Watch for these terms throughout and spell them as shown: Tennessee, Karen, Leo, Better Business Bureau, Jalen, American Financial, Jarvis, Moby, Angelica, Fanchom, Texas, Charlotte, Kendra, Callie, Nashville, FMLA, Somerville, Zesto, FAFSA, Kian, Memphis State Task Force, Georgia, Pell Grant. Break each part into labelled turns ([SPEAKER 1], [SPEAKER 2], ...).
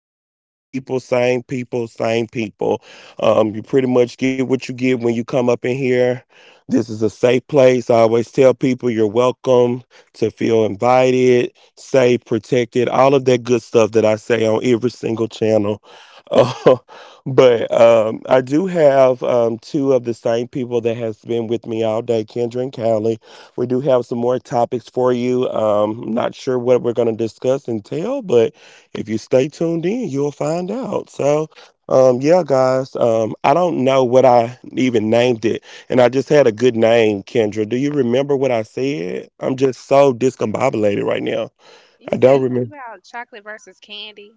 [SPEAKER 1] Same people, same people, same people. You pretty much get what you get when you come up in here. This is a safe place. I always tell people you're welcome to feel invited, safe, protected, all of that good stuff that I say on every single channel. Uh, but I do have two of the same people that has been with me all day, Kendra and Callie. We do have some more topics for you. I'm not sure what we're going to discuss and tell, but if you stay tuned in, you'll find out. Guys, I don't know what I even named it, and I just had a good name, Kendra. Do you remember what I said? I'm just so discombobulated right now.
[SPEAKER 2] You
[SPEAKER 1] I
[SPEAKER 2] said
[SPEAKER 1] don't
[SPEAKER 2] something
[SPEAKER 1] remember.
[SPEAKER 2] about chocolate versus candy.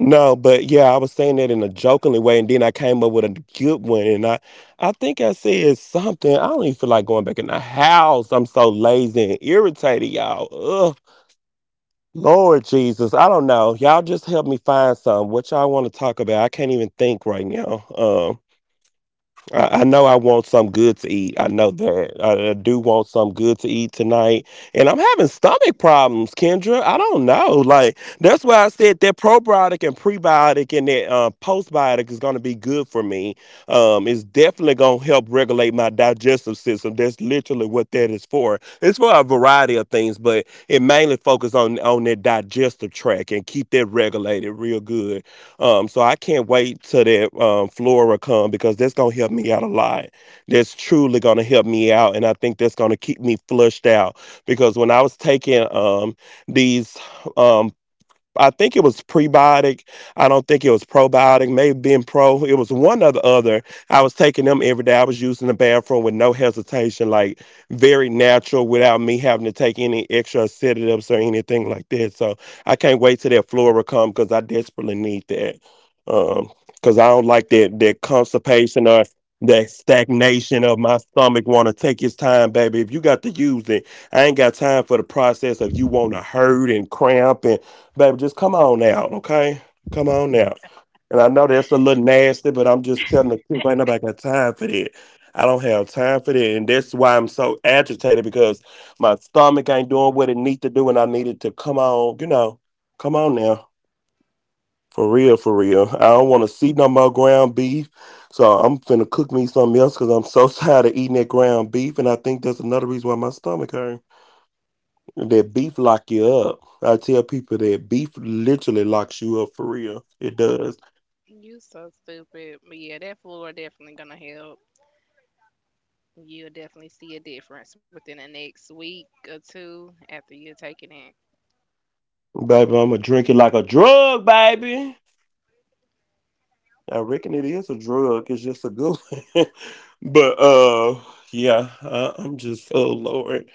[SPEAKER 1] No, but yeah, I was saying that in a jokingly way, and then I came up with a good one, and I think I said something. I don't even feel like going back in the house. I'm so lazy and irritated, y'all. Ugh, Lord Jesus, I don't know. Y'all just help me find some. What y'all want to talk about? I can't even think right now. I know I want some good to eat. I know that. I do want some good to eat tonight. And I'm having stomach problems, Kendra. I don't know. Like, that's why I said that probiotic and prebiotic and that postbiotic is going to be good for me. It's definitely going to help regulate my digestive system. That's literally what that is for. It's for a variety of things, but it mainly focuses on that digestive tract and keep that regulated real good. So I can't wait till that Flora come because that's gonna help me out a lot. That's truly gonna help me out, and I think that's gonna keep me flushed out because when I was taking these um, I think it was prebiotic. I don't think it was probiotic. Maybe being pro. It was one or the other. I was taking them every day. I was using the bathroom with no hesitation, like very natural, without me having to take any extra sedatives or anything like that. So I can't wait till that flora come because I desperately need that. Because I don't like that constipation or that stagnation of my stomach. Want to take its time, baby. If you got to use it, I ain't got time for the process of you want to hurt and cramp and baby, just come on out, okay? Come on out, and I know that's a little nasty, but I'm just telling the truth. Ain't nobody got time for that. I don't have time for that. And that's why I'm so agitated because my stomach ain't doing what it needs to do and I need it to come on, come on now. For real, for real. I don't want to see no more ground beef. So I'm finna cook me something else because I'm so tired of eating that ground beef. And I think that's another reason why my stomach hurt. That beef lock you up. I tell people that beef literally locks you up for real. It does.
[SPEAKER 2] You so stupid. But yeah, that fool are definitely gonna help. You'll definitely see a difference within the next week or two after you're taking it.
[SPEAKER 1] Baby, I'ma drink it like a drug, baby. I reckon it is a drug. It's just a good one. But yeah, I'm just oh Lord.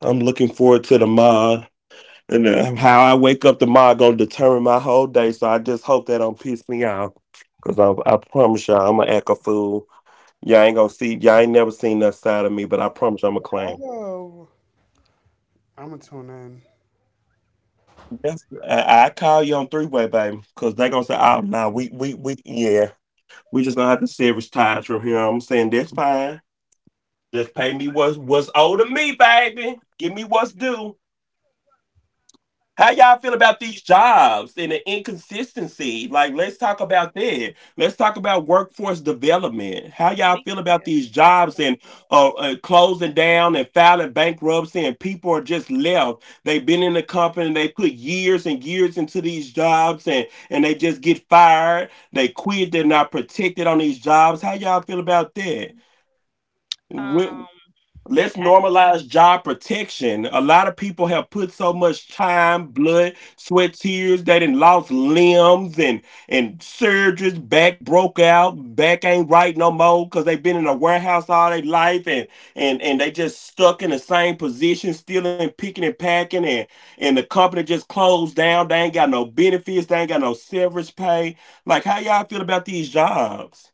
[SPEAKER 1] I'm looking forward to the mod. And how I wake up tomorrow gonna determine my whole day. So I just hope that don't piss me off. Cause I promise y'all I'm gonna act a fool. Y'all ain't never seen that side of me, but I
[SPEAKER 3] Oh, I'm gonna tune in.
[SPEAKER 1] I, I call you on three-way, baby, because they gonna say, "Oh, no, yeah, we just gonna have to severance ties from here." I'm saying that's fine. Just pay me what's owed to me, baby. Give me what's due. How y'all feel about these jobs and the inconsistency? Like, let's talk about that. Let's talk about workforce development. How y'all
[SPEAKER 2] We
[SPEAKER 1] feel
[SPEAKER 2] can
[SPEAKER 1] about these
[SPEAKER 2] definitely talk
[SPEAKER 1] jobs
[SPEAKER 2] about
[SPEAKER 1] and
[SPEAKER 2] that.
[SPEAKER 1] closing down and filing bankruptcy and people are just left. They've been in the company, they put years and years into these jobs and they just get fired. They quit. They're not protected on these jobs. How y'all feel about that? When,
[SPEAKER 2] Um,
[SPEAKER 1] let's
[SPEAKER 2] I
[SPEAKER 1] normalize job protection. A lot of people have put so much time, blood, sweat, tears. They done lost limbs and surgeries. Back broke out. Back ain't right no more because they've been in a warehouse all their life and and they just stuck in the same position, stealing, picking and packing. And the company just closed down. They ain't got no benefits. They ain't got no severance pay. Like, how y'all feel about these jobs?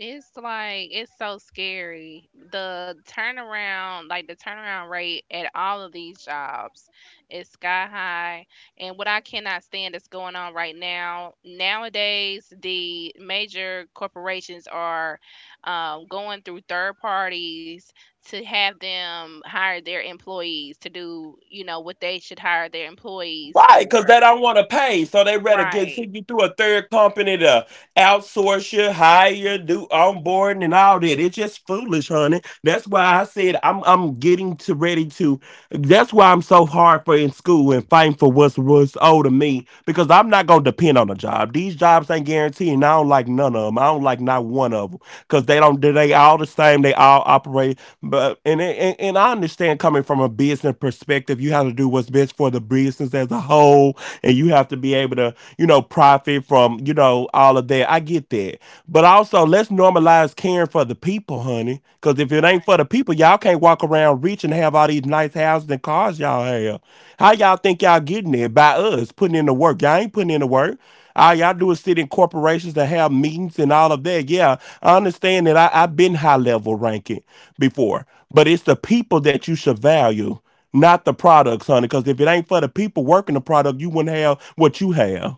[SPEAKER 2] It's like it's so scary. The turnaround rate at all of these jobs is sky high. And what I cannot stand is going on right now. Nowadays, the major corporations are going through third parties to have them hire their employees to do, what they should hire their employees
[SPEAKER 1] Right, because they
[SPEAKER 2] for.
[SPEAKER 1] don't want to pay, so they rather get
[SPEAKER 2] Right.
[SPEAKER 1] send you through a third company to outsource you, hire you, do
[SPEAKER 2] Hmm.
[SPEAKER 1] onboarding and all that. It's just foolish, honey. That's why I said I'm getting to ready to. That's why I'm so hard for in school and fighting for what's owed to me because I'm not gonna depend on a job. These jobs ain't guaranteed, and I don't like none of them. I don't like not one of them because they don't. They all the same. They all operate but and I understand coming from a business perspective, you have to do what's best for the business as a whole and you have to be able to, you know, profit from, you know, all of that. I get that. But also, let's normalize caring for the people, honey. Because if it ain't for the people, y'all can't walk around rich and have all these nice houses and cars y'all have. How y'all think y'all getting it? By us putting in the work. Y'all ain't putting in the work. All y'all do is sit in corporations that have meetings and all of that. Yeah, I understand that I've been high level ranking before, but it's the people that you should value not the products, honey. Because if it ain't for the people working the product, you wouldn't have what you have.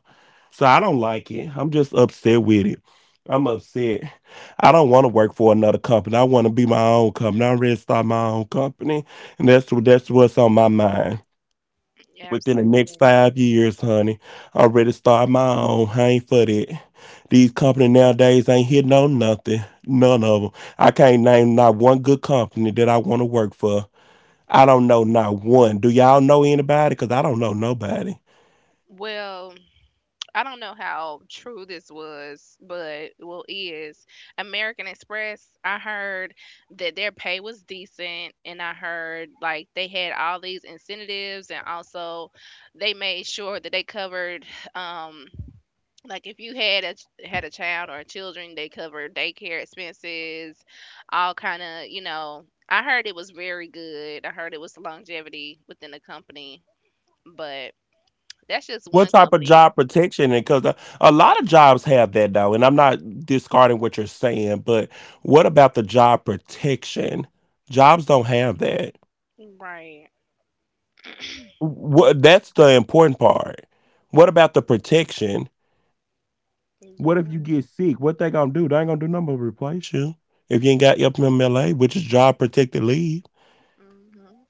[SPEAKER 1] So I don't like it. I'm just upset with it. I'm upset. I don't want to work for another company. I want to be my own company. I'm ready to start my own company, and that's what that's what's on my mind. Within the
[SPEAKER 2] Absolutely.
[SPEAKER 1] next 5 years, honey, I'm ready to start my own. I ain't for that. These companies nowadays ain't hitting on nothing. None of them. I can't name not one good company that I want to work for. I
[SPEAKER 2] Mm.
[SPEAKER 1] don't know not one. Do y'all know anybody? Because I don't know nobody.
[SPEAKER 2] Well, I don't know how true this was, but well, is American Express. I heard that their pay was decent, and I heard like they had all these incentives, and also they made sure that they covered, um, like if you had a child or children, they covered daycare expenses, all kind of. I heard it was very good. I heard it was longevity within the company, but that's just
[SPEAKER 1] What
[SPEAKER 2] one
[SPEAKER 1] type of
[SPEAKER 2] company,
[SPEAKER 1] job protection? Because a lot of jobs have that though, and I'm not discarding what you're saying, but what about the job protection? Jobs don't have that.
[SPEAKER 2] right?
[SPEAKER 1] What that's the important part. What about the protection? What if
[SPEAKER 2] You're
[SPEAKER 1] you
[SPEAKER 2] right.
[SPEAKER 1] get sick? What they gonna do? They ain't gonna do nothing but replace you if you ain't got FMLA, which is job protected leave.
[SPEAKER 2] Mhm.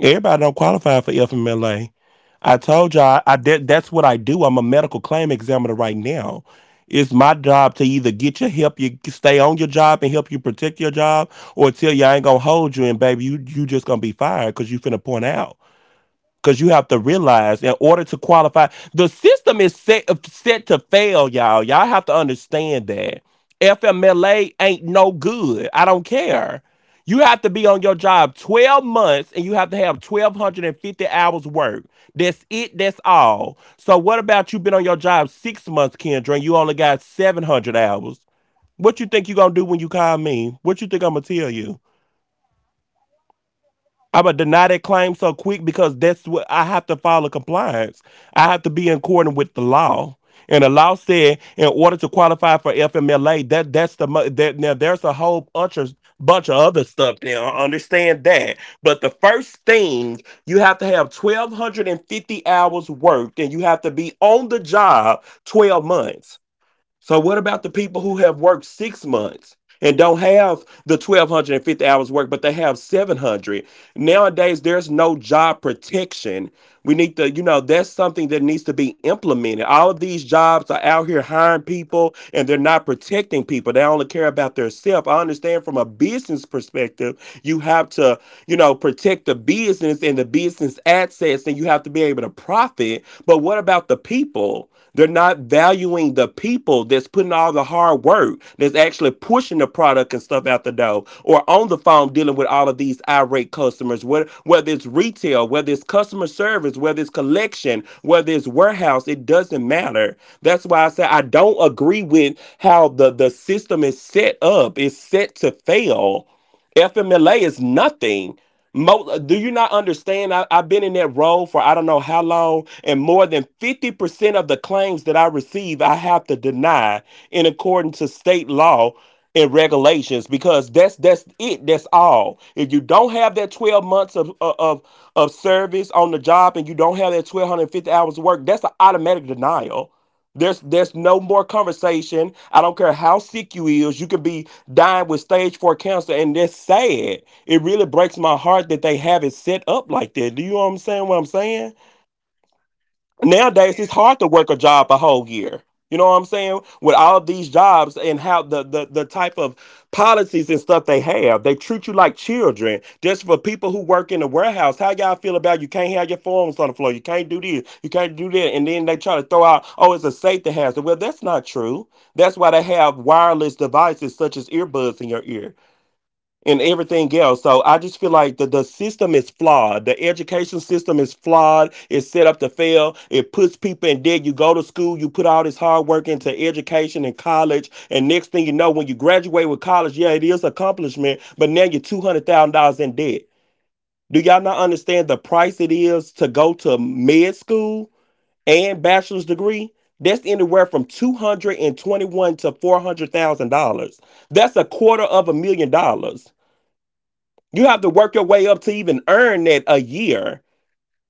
[SPEAKER 1] Everybody don't qualify for FMLA. I told
[SPEAKER 2] Yeah.
[SPEAKER 1] y'all I did. That's what I do. I'm a medical claim examiner right now. It's my job to either get you help you stay on your job and help you protect your job, or tell you I ain't gonna hold you and baby you just gonna be fired because you finna point out. Because you have to realize, in order to qualify, the system is set set to fail, y'all. Y'all have to understand that FMLA ain't no good. I don't care. You have to be on your job 12 months and you have to have 1,250 hours work. That's it. That's all. So what about you been on your job 6 months, Kendra, and you only got 700 hours? What you think you going to do when you call me? What you think I'm going to tell you? I'm going to deny that claim so quick because that's what I have to follow compliance. I have to be in accordance with the law. And the law said, in order to qualify for FMLA, that's the mo- that now there's a whole bunch of other stuff there. I understand that, but the first thing you have to have 1,250 hours worked, and you have to be on the job 12 months. So what about the people who have worked 6 months and don't have the 1,250 hours work, but they have 700? Nowadays, there's no job protection. We need to, you know, that's something that needs to be implemented. All of these jobs are out here hiring people and they're not protecting people. They only care about their self. I understand from a business perspective, you have to protect the business and the business assets, and you have to be able to profit. But what about the people? They're not valuing the people that's putting all the hard work, that's actually pushing the product and stuff out the door, or on the phone dealing with all of these irate customers, whether it's retail, whether it's customer service, whether it's collection, whether it's warehouse, it doesn't matter. That's why I say I don't agree with how the system is set up. It's set to fail. FMLA is nothing. Do you not understand? I've been in that role for I don't know how long, and more than 50% of the claims that I receive, I have to deny in accordance to state law and regulations, because that's all. If you don't have that 12 months of service on the job and you don't have that 1250 hours of work, that's an automatic denial. There's no more conversation. I don't care how sick you is. You could be dying with stage four cancer, and that's sad. It really breaks my heart that they have it set up like that. Do you know what I'm saying? What I'm saying? Nowadays it's
[SPEAKER 2] Yeah.
[SPEAKER 1] hard to work a job a whole year. You know what I'm saying? With all of
[SPEAKER 2] Mhm.
[SPEAKER 1] these jobs and how the type of policies and stuff they have, they treat you like children. Just for people who work in the warehouse, how y'all feel about you can't have your phones on the floor, you can't do this, you can't do that, and then they try to throw out, oh, it's a safety hazard. Well, that's not true. That's why they have wireless devices such as earbuds in your ear and everything else. So I just feel like the system is flawed. The education system is flawed. It's set up to fail. It puts people in debt. You go to school, you put all this hard work into education and college. And next thing you know, when you graduate with college, yeah, it is accomplishment, but now you're $200,000 in debt. Do y'all not understand the price it is to go to med school and bachelor's degree? That's anywhere from 221 to $400,000. That's a quarter of $1,000,000. You have to work your way up to even earn that a year.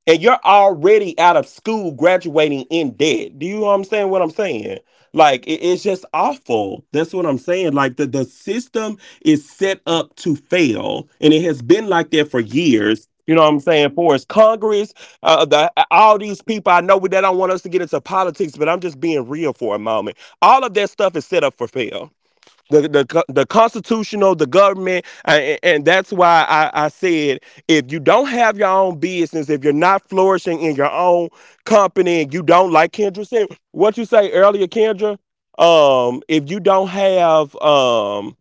[SPEAKER 1] And you're already out of school graduating in debt. Do you understand what I'm saying? Like it's just awful. That's what I'm saying. Like the system is set up to fail. And it has been like that for years. You know what I'm saying? For us, Congress, the, all these people, I know that don't want us to get into politics, but I'm just being real for a moment. All of that stuff is set up for fail, the constitutional, the government, and that's why I said if you don't have your own business, if you're not flourishing in your own company, and you don't, like Kendra said, what you say earlier, Kendra? If you don't have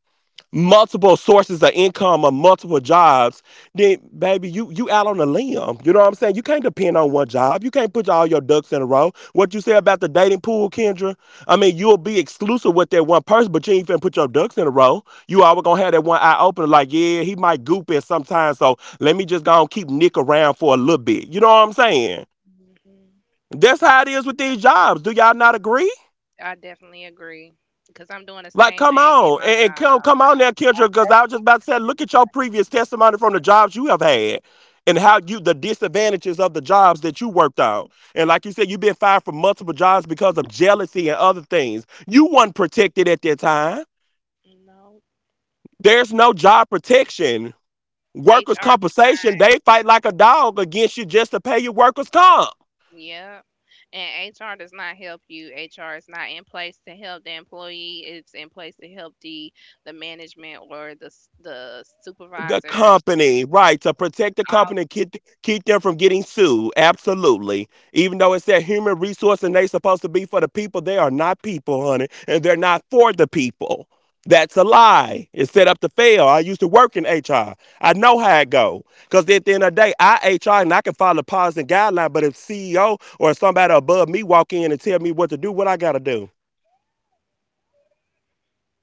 [SPEAKER 1] multiple sources of income or multiple jobs, then baby, you out on a limb. You know what I'm saying? You can't depend on one job. You can't put all your ducks in a row. What you say about the dating pool, Kendra? I mean, you'll be exclusive with that one person, but you ain't finna put your ducks in a row. You always gonna have that one eye open, like, yeah, he might goop it sometimes, so let me just go and keep Nick around for a little bit. You know what I'm saying?
[SPEAKER 2] Mhm.
[SPEAKER 1] That's how it is with these jobs. Do y'all not agree?
[SPEAKER 2] I definitely agree because I'm doing the
[SPEAKER 1] Like,
[SPEAKER 2] same
[SPEAKER 1] come
[SPEAKER 2] thing at
[SPEAKER 1] on,
[SPEAKER 2] my
[SPEAKER 1] and come
[SPEAKER 2] job.
[SPEAKER 1] come on now, somebody from the jobs you have had and how you the disadvantages of the jobs that you worked on. And like you said, you've been fired from multiple jobs because of jealousy and other things. You weren't protected at that time.
[SPEAKER 2] No.
[SPEAKER 1] There's no job protection. Workers'
[SPEAKER 2] HR does not.
[SPEAKER 1] compensation, they fight like a dog against you just to pay your workers' comp.
[SPEAKER 2] Yeah. And HR does not help you. HR is not in place to help the employee. It's in place to help the management or the
[SPEAKER 1] The
[SPEAKER 2] supervisors.
[SPEAKER 1] company, right, to protect the
[SPEAKER 2] All.
[SPEAKER 1] company, keep them from getting sued. Absolutely. Even though it's that human resource and they're supposed to be for the people, they are not people, honey, and they're not for the people. That's a lie. It's set up to fail. I used to work in HR. I know how it go. Because at the end of the day, I HR and I can follow policy and guideline, but if CEO or somebody above me walk in and tell me what to do, what I got to do?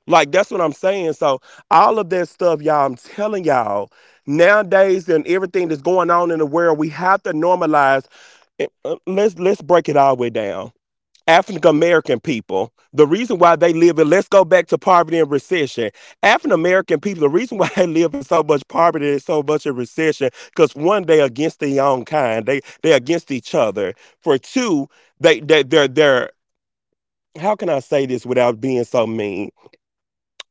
[SPEAKER 1] Like that's what I'm saying. So all of that stuff, y'all, I'm telling y'all, nowadays and everything that's going on in the world, we have to normalize. Let's break it all the way down. African American people, the reason why they live in, let's go back to poverty and recession. African American people, the reason why they live in so much poverty and so much in recession, because one, they against their own kind. They against each other. For two, they're, how can I say this without being so mean?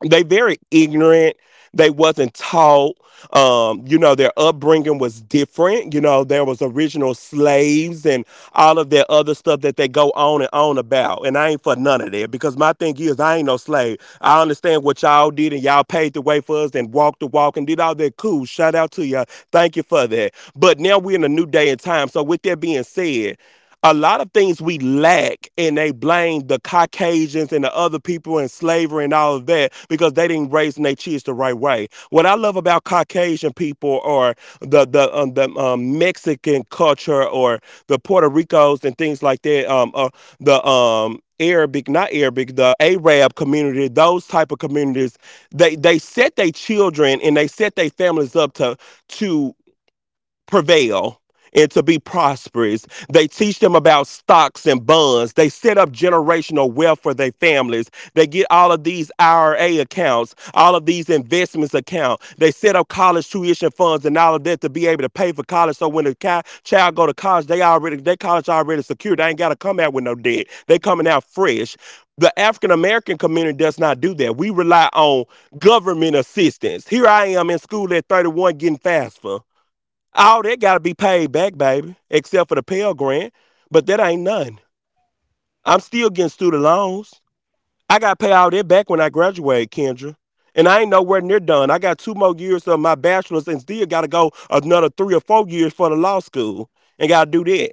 [SPEAKER 1] They very ignorant. They wasn't taught. You know, their upbringing was different. You know, there was original slaves and all of that other stuff that they go on and on about, and I ain't for none of that, because my thing is I ain't no slave. I understand what y'all did, and y'all paved the way for us and walked the walk and did all that. Cool, shout out to y'all, thank you for that. But now we're in a new day and time. So with that being said, a lot of things we lack, and they blame the caucasians and the other people in slavery and all of that, because they didn't raise their kids the right way. What I love about caucasian people, or the mexican culture, or the puerto ricos and things like that, the arabic, not arabic, the arab community, those type of communities, they set their children and they set their families up to to prevail and to be prosperous. They teach them about stocks and bonds. They set up generational wealth for their families. They get all of these IRA accounts, all of these investments accounts. They set up college tuition funds and all of that to be able to pay for college. So when the child go to college, they already, their college already secured. They ain't got to come out with no debt. They coming out fresh. The African American community does not do that. We rely on government assistance. Here I am in school at 31 getting FAFSA. All that got to be paid back, baby, except for the Pell Grant. But that ain't none. I'm still getting student loans. I got to pay all that back when I graduate, Kendra. And I ain't nowhere near done. I got two more years of my bachelor's and still got to go another 3 or 4 years for the law school and got to do that.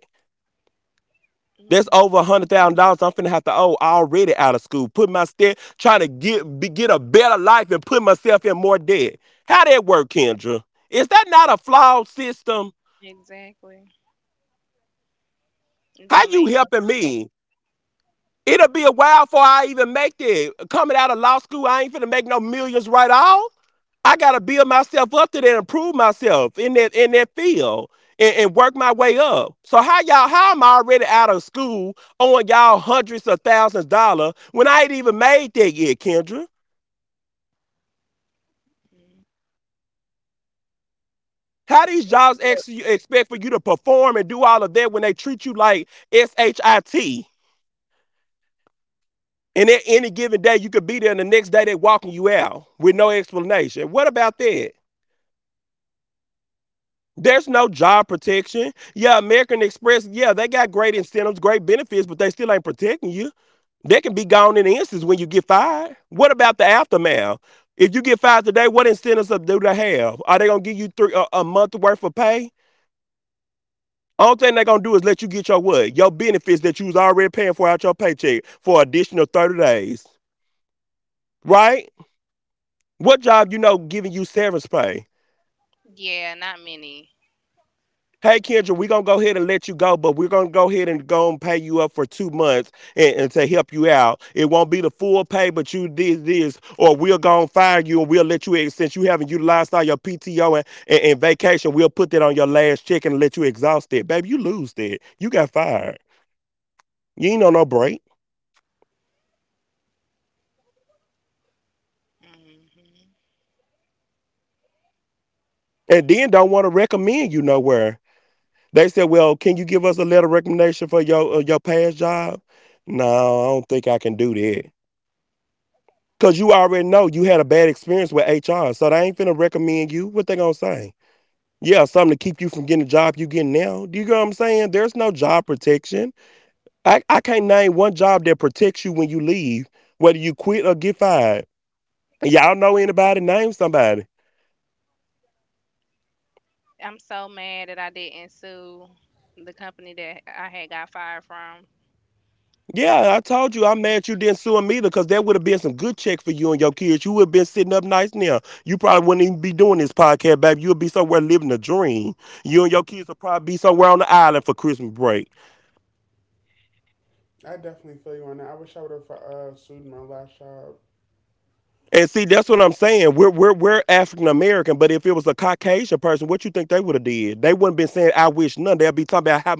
[SPEAKER 1] That's
[SPEAKER 2] Mm,
[SPEAKER 1] over a $100,000 I'm finna have to owe already out of school. Put my step, trying to get, be, get a better life and put myself in more debt. How that work, Kendra? Is that not a flawed system?
[SPEAKER 2] exactly. It
[SPEAKER 1] How
[SPEAKER 2] don't
[SPEAKER 1] you
[SPEAKER 2] make no
[SPEAKER 1] helping
[SPEAKER 2] sense.
[SPEAKER 1] me? It'll be a while before I even make it. Coming out of law school, I ain't finna make no millions right off. I gotta build myself up to that and prove myself in that field and work my way up. So how y'all, how am I already out of school owing y'all hundreds of thousands of dollars when I ain't even made that yet, Kendra? How these jobs actually expect for you to perform and do all of that when they treat you like SHIT? And at any given day, you could be there, and the next day they walking you out with no explanation. What about that? There's no job protection. Yeah, American Express, yeah, they got great incentives, great benefits, but they still ain't protecting you. They can be gone in an instance when you get fired. What about the aftermath? If you get fired today, what incentives do they have? Are they gonna give you three, a month worth of pay? Only thing they're gonna do is let you get your what? Your benefits that you was already paying for out your paycheck for additional 30 days. Right? What job you know giving you severance pay?
[SPEAKER 2] Yeah. Not many.
[SPEAKER 1] Hey Kendra, we're gonna go ahead and let you go, but we're gonna go ahead and go and pay you up for 2 months and to help you out. It won't be the full pay, but you did this, or we'll go and fire you and we'll let you since you haven't utilized all your PTO and vacation, we'll put that on your last check and let you exhaust it. Baby, you lose that. You got fired. You ain't on no break.
[SPEAKER 2] Hmm.
[SPEAKER 1] And then don't want to recommend you nowhere. They said, "Well, can you give us a letter of recommendation for your past job?" No, I don't think I can do that. Cause you already know you had a bad experience with HR, so they ain't finna recommend you. What they gonna say? Yeah, something to keep you from getting the job you getting now. Do you get what I'm saying? There's no job protection. I can't name one job that protects you when you leave, whether you quit or get fired. Y'all know anybody? Name somebody.
[SPEAKER 2] I'm so mad that I didn't sue the company that I had got fired from. I'm
[SPEAKER 1] Yeah, I
[SPEAKER 2] so
[SPEAKER 1] told you I'm
[SPEAKER 2] mad.
[SPEAKER 1] mad you didn't sue me now. You probably wouldn't even be doing this podcast. Dream you and your somewhere on the island for.
[SPEAKER 3] I definitely feel you on that. I wish I would have sued my last job.
[SPEAKER 1] See, that's what I'm saying. We're African American, but if it was a Caucasian. They wouldn't been saying I wish none. They'll be talking about how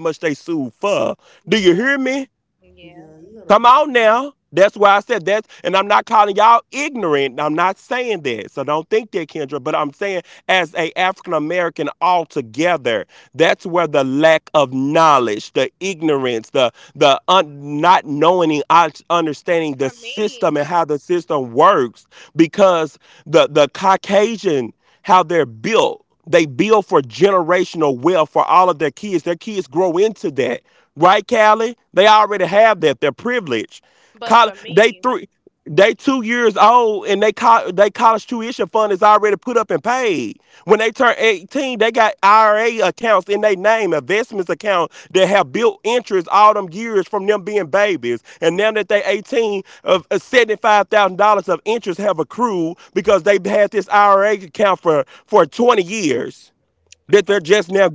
[SPEAKER 1] far.
[SPEAKER 2] Yeah,
[SPEAKER 1] Hear me
[SPEAKER 2] yeah.
[SPEAKER 3] Yeah, you got a point.
[SPEAKER 1] now. That's why I said, and I'm not calling y'all ignorant. I'm not as altogether. That's a lack of knowledge. Not knowing it
[SPEAKER 2] For me,
[SPEAKER 1] works because Cajun how they're built, built for generational wealth for all of their right, Callie. They already have that. They're pre
[SPEAKER 2] but
[SPEAKER 1] Col-
[SPEAKER 2] for
[SPEAKER 1] they
[SPEAKER 2] me,
[SPEAKER 1] they 2 years old. Col- Is already IRA accounts. All them five IRA
[SPEAKER 2] for
[SPEAKER 1] now.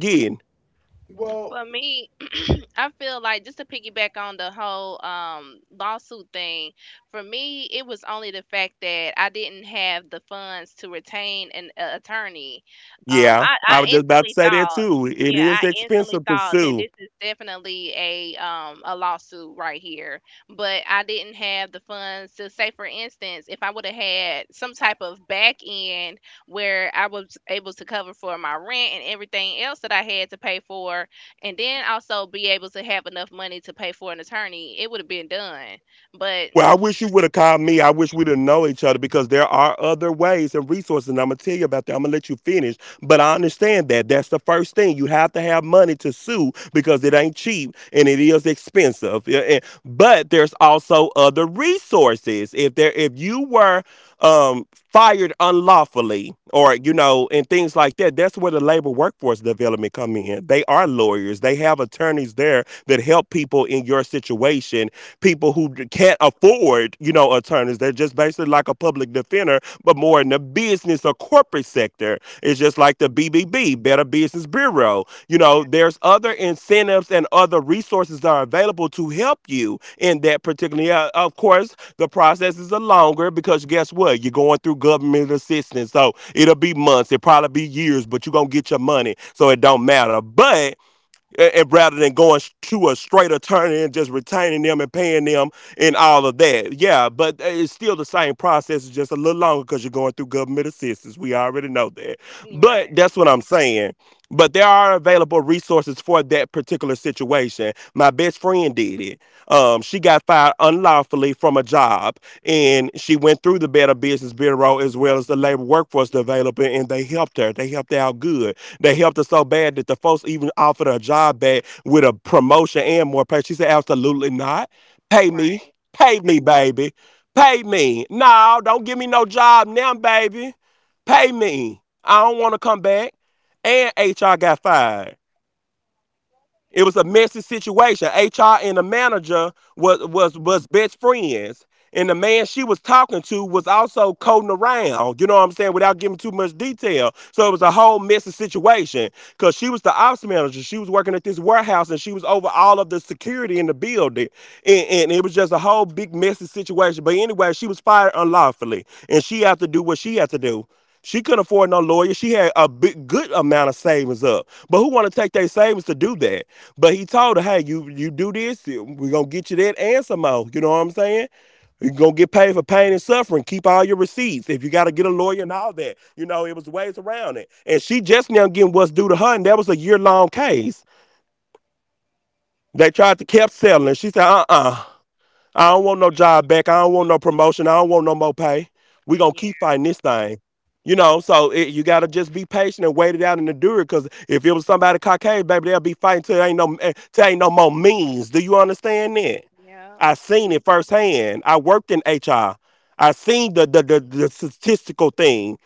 [SPEAKER 2] for
[SPEAKER 3] Well,
[SPEAKER 2] me, I feel like just to piggyback on the whole lawsuit thing, for me, it was only the fact that I didn't have the funds to retain an attorney. Um,
[SPEAKER 1] Yeah,
[SPEAKER 2] I,
[SPEAKER 1] I
[SPEAKER 2] I
[SPEAKER 1] was just about to
[SPEAKER 2] instantly
[SPEAKER 1] say that
[SPEAKER 2] thought,
[SPEAKER 1] too. It
[SPEAKER 2] yeah,
[SPEAKER 1] is
[SPEAKER 2] I instantly
[SPEAKER 1] expensive to
[SPEAKER 2] thought that
[SPEAKER 1] sue.
[SPEAKER 2] this is definitely a lawsuit right here. But I didn't have the funds to say, for instance, if I would have had some type of back end where I was able to cover for my rent and everything else that I had to pay for and then also be able to have enough money to pay for an attorney, it would have been done. But
[SPEAKER 1] Well, I wish you would have called me. I wish we'd have known each other because there are other ways and resources, and I'm gonna tell you about that. I'm gonna let you finish, but I understand that that's the first thing: you have to have money to sue because it ain't cheap and it is expensive. Yeah, and but there's also other resources. If you were um, fired unlawfully or you know and things like that, that's where the labor workforce development come in. They are lawyers, they have attorneys there that help people in your situation, people who can't afford, you know, attorneys. They're just basically like a public defender but more in the business or corporate sector. It's just like the BBB, Better Business Bureau. You
[SPEAKER 2] yeah,
[SPEAKER 1] know, there's other incentives and other resources that are available to help you in that particular. Yeah, of course, the process is a longer because guess what? You're going through government assistance. So it'll be months, it'll probably be years, but you're going to get your money. So it don't matter. But and rather than going to a straight attorney and just retaining them and paying them and all of that. Yeah, but it's still the same process, it's just a little longer because you're going through government assistance. We already know that.
[SPEAKER 2] you right,
[SPEAKER 1] But that's what I'm saying. But there are available resources for that particular situation. My best friend did it. She got fired unlawfully from a job, and she went through the Better Business Bureau as well as the Labor Workforce Development, and they helped her. They helped her out good. They helped her so bad that the folks even offered her a job back with a promotion and more pay. She said, "Absolutely not. Pay me,
[SPEAKER 2] right.
[SPEAKER 1] pay me, baby, pay
[SPEAKER 2] Mm.
[SPEAKER 1] me. No, don't give me no job now, baby. Pay me. I don't want to come back." And HR got fired. It was a messy situation. HR and the manager was best friends. And the man she was talking to was also coding around, you know what I'm saying, without giving too much detail. So it was a whole messy situation because she was the ops manager. She was working at this warehouse and she was over all of the security in the building. And it was just a whole big messy situation. But anyway, she was fired unlawfully and she had to do what she had to do. She couldn't afford no lawyer. She had a big, good amount of savings up. But who want to take their savings to do that? But he told her, hey, you do this, we're going to get you that and some more. You know what I'm saying? You're gonna get paid for pain and suffering. Keep all your receipts if you gotta get a lawyer and all that. You know, it was ways around it. And she just now getting what's due to her, and that was a year long case. They tried to kept settling. She said, uh uh, I don't want no job back. I don't want no promotion. I don't want no more pay. We gonna keep
[SPEAKER 2] Yeah,
[SPEAKER 1] fighting this thing. You know,
[SPEAKER 2] yeah,
[SPEAKER 1] so it, you gotta just be patient and wait it out and endure it. Cause if it was somebody Caucasian, baby, they'll be fighting till there ain't no till ain't no more means. Do you understand that?
[SPEAKER 2] yeah.
[SPEAKER 1] I seen it firsthand. I worked in HR. I seen the statistical thing,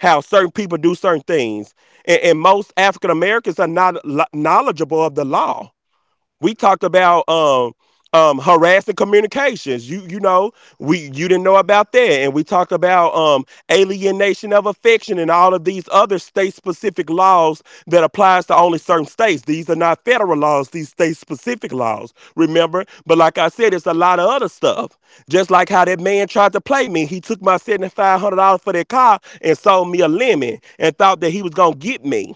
[SPEAKER 1] how certain people do certain things, and most African Americans are not knowledgeable of the law. We talked about harassing communications. You know, we you didn't know about that. And we talked about alienation of affection and all of these other state specific laws that applies to only certain states. These are not federal laws, these state specific laws, remember? But like I said, it's a lot of other stuff. Just like how that man tried to play me. He took my $7,500 for that car and sold me a lemon and thought that he was gonna get me,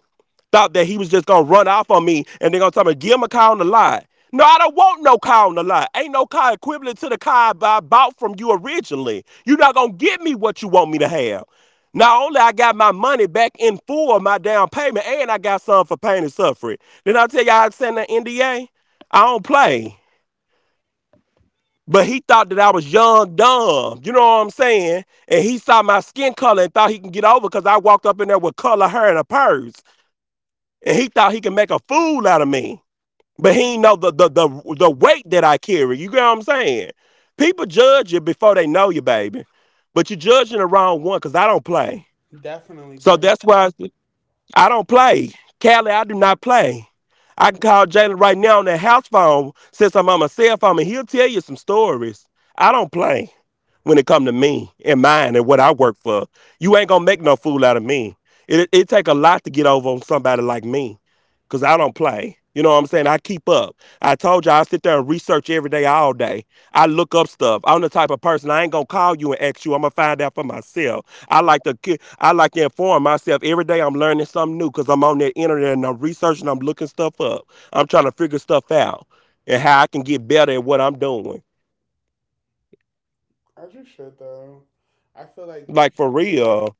[SPEAKER 1] thought that he was just gonna run off on me and they're gonna tell me, give him a car on the lot. No, I don't want no car on the lot. Ain't no car equivalent to the car I bought from you originally. You're not gonna give me what you want me to have. Not only I got my money back in full of my down payment, and I got some for pain and suffering. Then I tell you I signed an NDA. I don't play. But he thought that I was young, dumb. You know what I'm saying? And he saw my skin color and thought he can get over because I walked up in there with color hair and a purse and he thought he could make a fool out of me. But he know the weight that I carry. You get what I'm saying? People judge you before they know you, baby. But you're judging the wrong one because I don't play.
[SPEAKER 3] definitely, definitely.
[SPEAKER 1] I don't play. Callie, I do not play. I can call Jalen right now on that house phone since I'm on my cell phone and he'll tell you some story. I don't play when it come to me, mine and what I work for. You ain't gonna fool out of me. It take a lot to get over on somebody like me because I don't play. You know what I'm saying? I keep up. I told you I sit there and read every day, all day. I look up stuff. I'm the type of person, I ain't gonna call you and find out. I like to inform myself every day. I'm learning because I'm on there and how I can get better at what I'm doing.
[SPEAKER 3] As you should, though. I feel like
[SPEAKER 1] Like for real.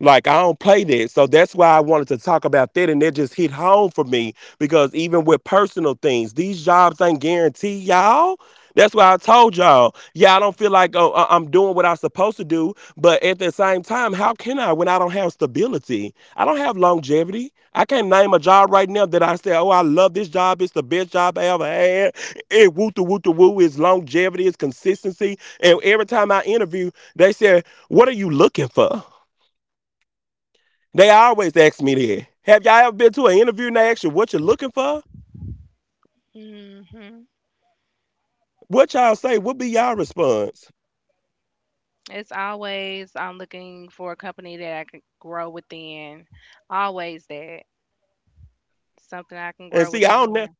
[SPEAKER 1] Like I don't play that. So that's why I wanted to talk about that and that just hit home for me because even with personal things, these jobs ain't guaranteed, y'all. That's why I told y'all, y'all don't feel like oh, am doing what I'm supposed to do. But at the same time, how can I when I don't have stability? I don't have longevity. I can't name a job right now that I say, oh, I love this job. It's the best job I ever had. It woo to woo to woo. It's longevity. It's, and every time I interview, they say, what are you looking for? They always ask me that. Have y'all ever been to an interview and they ask you what you're looking for?
[SPEAKER 2] Hmm.
[SPEAKER 1] What y'all say? What be y'all response?
[SPEAKER 2] It's always I'm looking for a company that I can grow within. Always that something I can
[SPEAKER 1] And
[SPEAKER 2] grow
[SPEAKER 1] see, I don't know
[SPEAKER 2] within.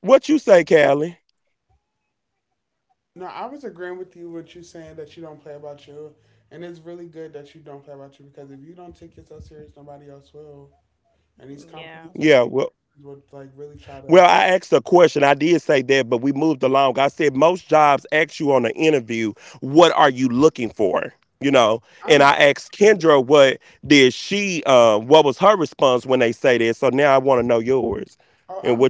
[SPEAKER 1] what you say, Callie.
[SPEAKER 3] no, I was agreeing with you saying that you don't play about you, and it's really good that you don't play about you because if you don't take yourself serious, nobody else will. And these
[SPEAKER 2] Yeah,
[SPEAKER 3] companies
[SPEAKER 1] Well,
[SPEAKER 3] would like really try to.
[SPEAKER 1] well, the question I did say that moved along. I said most jobs ask you on the interview. What are you looking?
[SPEAKER 3] I'm.
[SPEAKER 1] For? What did she? What was her response when they said? So now I want.
[SPEAKER 3] Oh,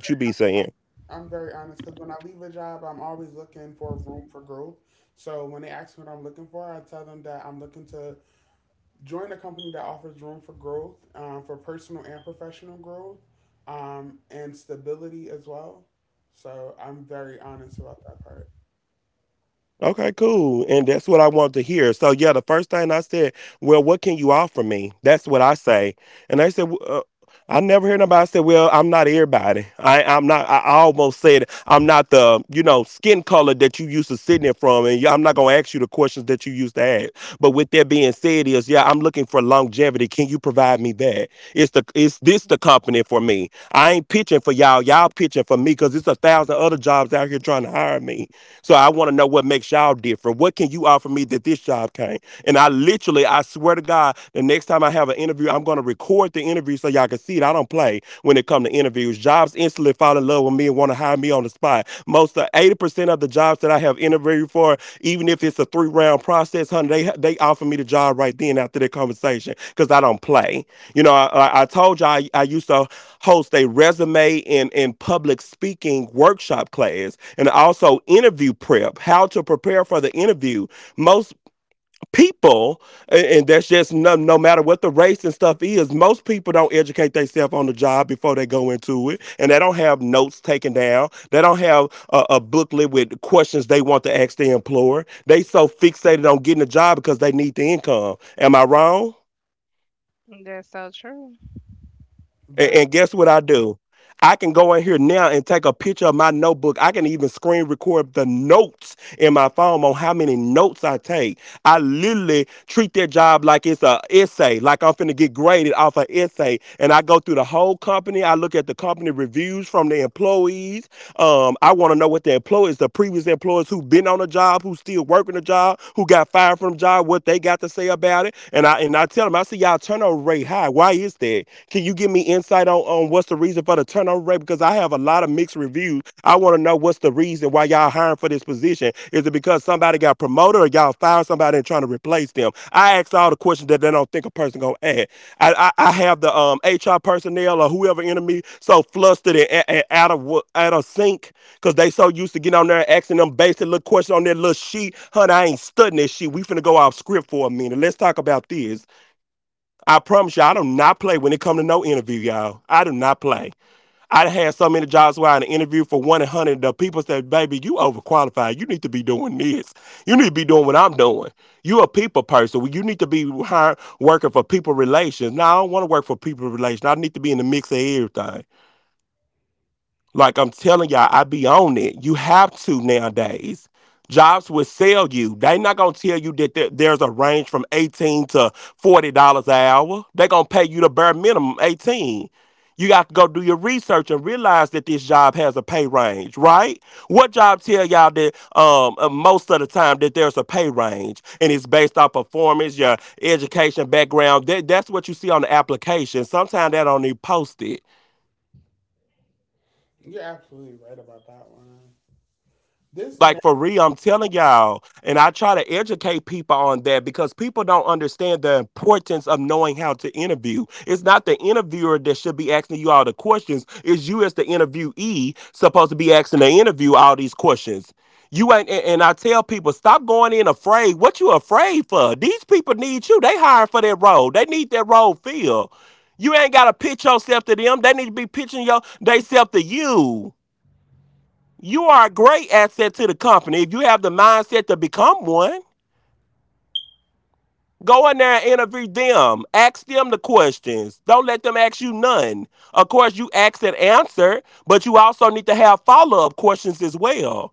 [SPEAKER 3] I'm very honest because when I leave a job, I'm always looking for room for growth. So when they ask me what I'm looking for, I tell them that I'm looking to join a company that offers room for growth, for personal and professional growth, and stability as well. So I'm very honest about that part.
[SPEAKER 1] Okay, cool. And that's what I want to hear. So, yeah, the first thing I said, well, what can you offer me? That's what I say. And they said, I never heard nobody say, well, I'm not everybody. I'm not, I almost said, I'm not the, skin color that you used to sitting in from. And I'm not going to ask you the questions that you used to ask. But with that being said, is yeah, I'm looking for longevity. Can you provide me that? It's the it's this the company for me. I ain't pitching for y'all. Y'all pitching for me because it's a thousand other jobs out here trying to hire me. So I want to know what makes y'all different. What can you offer me that this job can't? And I literally, I swear to God, the next time I have an interview, I'm gonna record the interview so y'all can see it. I don't play when it comes to interviews. Jobs instantly fall in love with me and want to hire me on the spot. Most of 80% of the jobs that I have interviewed for, even if it's a three round process, honey, they offer me the job right then after the conversation because I don't play. I told you I used to host a resume and public speaking workshop class and also interview prep, how to prepare for the interview. Most people, and that's just no, no matter what the race and stuff is, most people don't educate themselves on the job before they go into it. And they don't have notes taken down. They don't have a booklet with questions they want to ask the employer. They so fixated on getting a job because they need the income. Am I wrong?
[SPEAKER 2] that's so true.
[SPEAKER 1] And,
[SPEAKER 3] Very,
[SPEAKER 1] and guess what I do? I can go in here now and take a picture of my notebook. I can even screen record the notes in my phone on how many notes I take. I literally treat that job like it's a essay, like I'm finna get graded off an essay. And I go through the whole company. I look at the company reviews from the employees. I want to know what the employees, the previous employees who've been on the job, who's still working the job, who got fired from the job, what they got to say about it. And I tell them, I see y'all turnover rate high. Why is that? Can you give me insight on what's the reason for the turnover rate? Because I have a lot of mixed reviews I want to know what's the reason why y'all hiring for this position. Is it because somebody got promoted or y'all fired somebody and trying to replace them? I ask all the questions that they don't think a person gonna ask. I have the HR personnel or whoever in me so flustered and, and, out of out of sync because they so used to getting on there and asking them basic little questions on their little sheet. Honey, I ain't studying this shit. We finna go off script for a minute. Let's talk about this. I promise you, I do not play when it come to no interview, y'all. I do not play. I had so many jobs where I interviewed for 100. The people said, "Baby, you overqualified. You need to be doing this. You need to be doing what I'm doing. You a people person. You need to be hiring, working for people relations. Now I don't want to work for people relations. I need to be in the mix of everything. Like I'm telling y'all, I be on it. You have to nowadays. Jobs will sell you. They not gonna tell you that there's a range from $18 to $40 an hour. They gonna pay you the bare minimum 18. You got to go do your research and realize that this job has a pay range, right? What job tell y'all that most of the time that there's a pay range and it's based off performance, your education background. That's what you see on the application. Sometimes that don't even post it.
[SPEAKER 3] you're absolutely right about that one. This
[SPEAKER 1] Like
[SPEAKER 3] ne-
[SPEAKER 1] for real, I'm telling y'all, and I try to educate people on that because people don't understand the importance of knowing how to interview. It's not the interviewer that should be asking you all the questions. It's you as the interviewee supposed to be asking the interview all these questions. You ain't, and I tell people, stop going in afraid. What you afraid for? These people need you. They hired for that role. They need that role filled. You ain't got to pitch yourself to them. They need to be pitching your they self to you. You are a great asset to the company if you have the mindset to become one. Go in there and interview them. Ask them the questions. Don't let them ask you none. Of course, you ask and answer, but you also need to have follow up questions as well.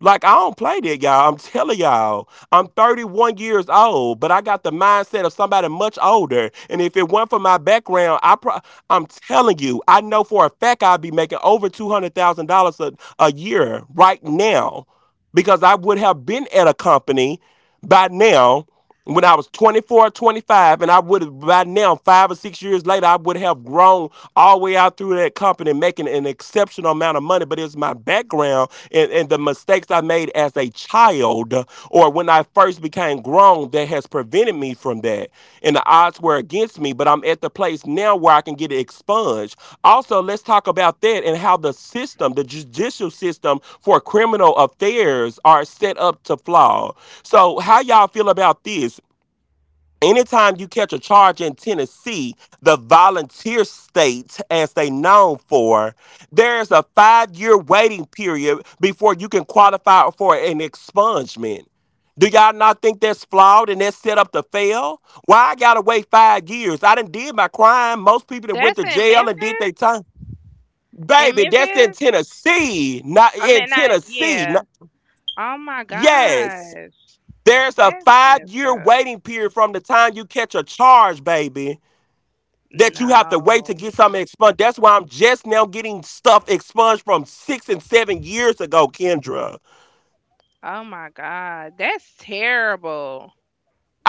[SPEAKER 1] Like I don't play that, y'all. I'm telling y'all, I'm 31 years old, but I got the mindset of somebody much older. And if it weren't for my background, I'm telling you, I know for a fact I'd be making over $200,000 a year right now, because I would have been at a company by now when I was 24, 25, and I would have by now 5 or 6 years later I would have grown all the way out through that company making an exceptional amount of money, but it's my background and the mistakes I made as a child or when I first became grown that has prevented me from that. And the odds were against me, but I'm at the place now where I can get it expunged. Also, let's talk about that and how the system, the judicial system for criminal affairs are set up to flaw. So, how y'all feel about this? Anytime you catch a charge in Tennessee, the volunteer state, as they known for, there is a 5 year waiting period before you can qualify for an expungement. Do y'all not think that's flawed and that's set up to fail? Why I gotta wait 5 years? I done did my crime. Most people that went
[SPEAKER 2] That's
[SPEAKER 1] to
[SPEAKER 2] in
[SPEAKER 1] jail and did their
[SPEAKER 2] Memphis.
[SPEAKER 1] time.
[SPEAKER 2] In
[SPEAKER 1] Baby, that's in
[SPEAKER 2] Memphis,
[SPEAKER 1] Tennessee, not
[SPEAKER 2] I
[SPEAKER 1] in
[SPEAKER 2] mean, not
[SPEAKER 1] Tennessee.
[SPEAKER 2] yeah. Oh my
[SPEAKER 1] Yes.
[SPEAKER 2] gosh,
[SPEAKER 1] There's a
[SPEAKER 2] that's
[SPEAKER 1] five
[SPEAKER 2] messed
[SPEAKER 1] year
[SPEAKER 2] up.
[SPEAKER 1] waiting period from the time you catch a charge, baby, that you have to wait
[SPEAKER 2] No.
[SPEAKER 1] to get something expunged. That's why I'm just now getting stuff expunged from 6 and 7 years ago, Kendra.
[SPEAKER 2] Oh my god, that's terrible.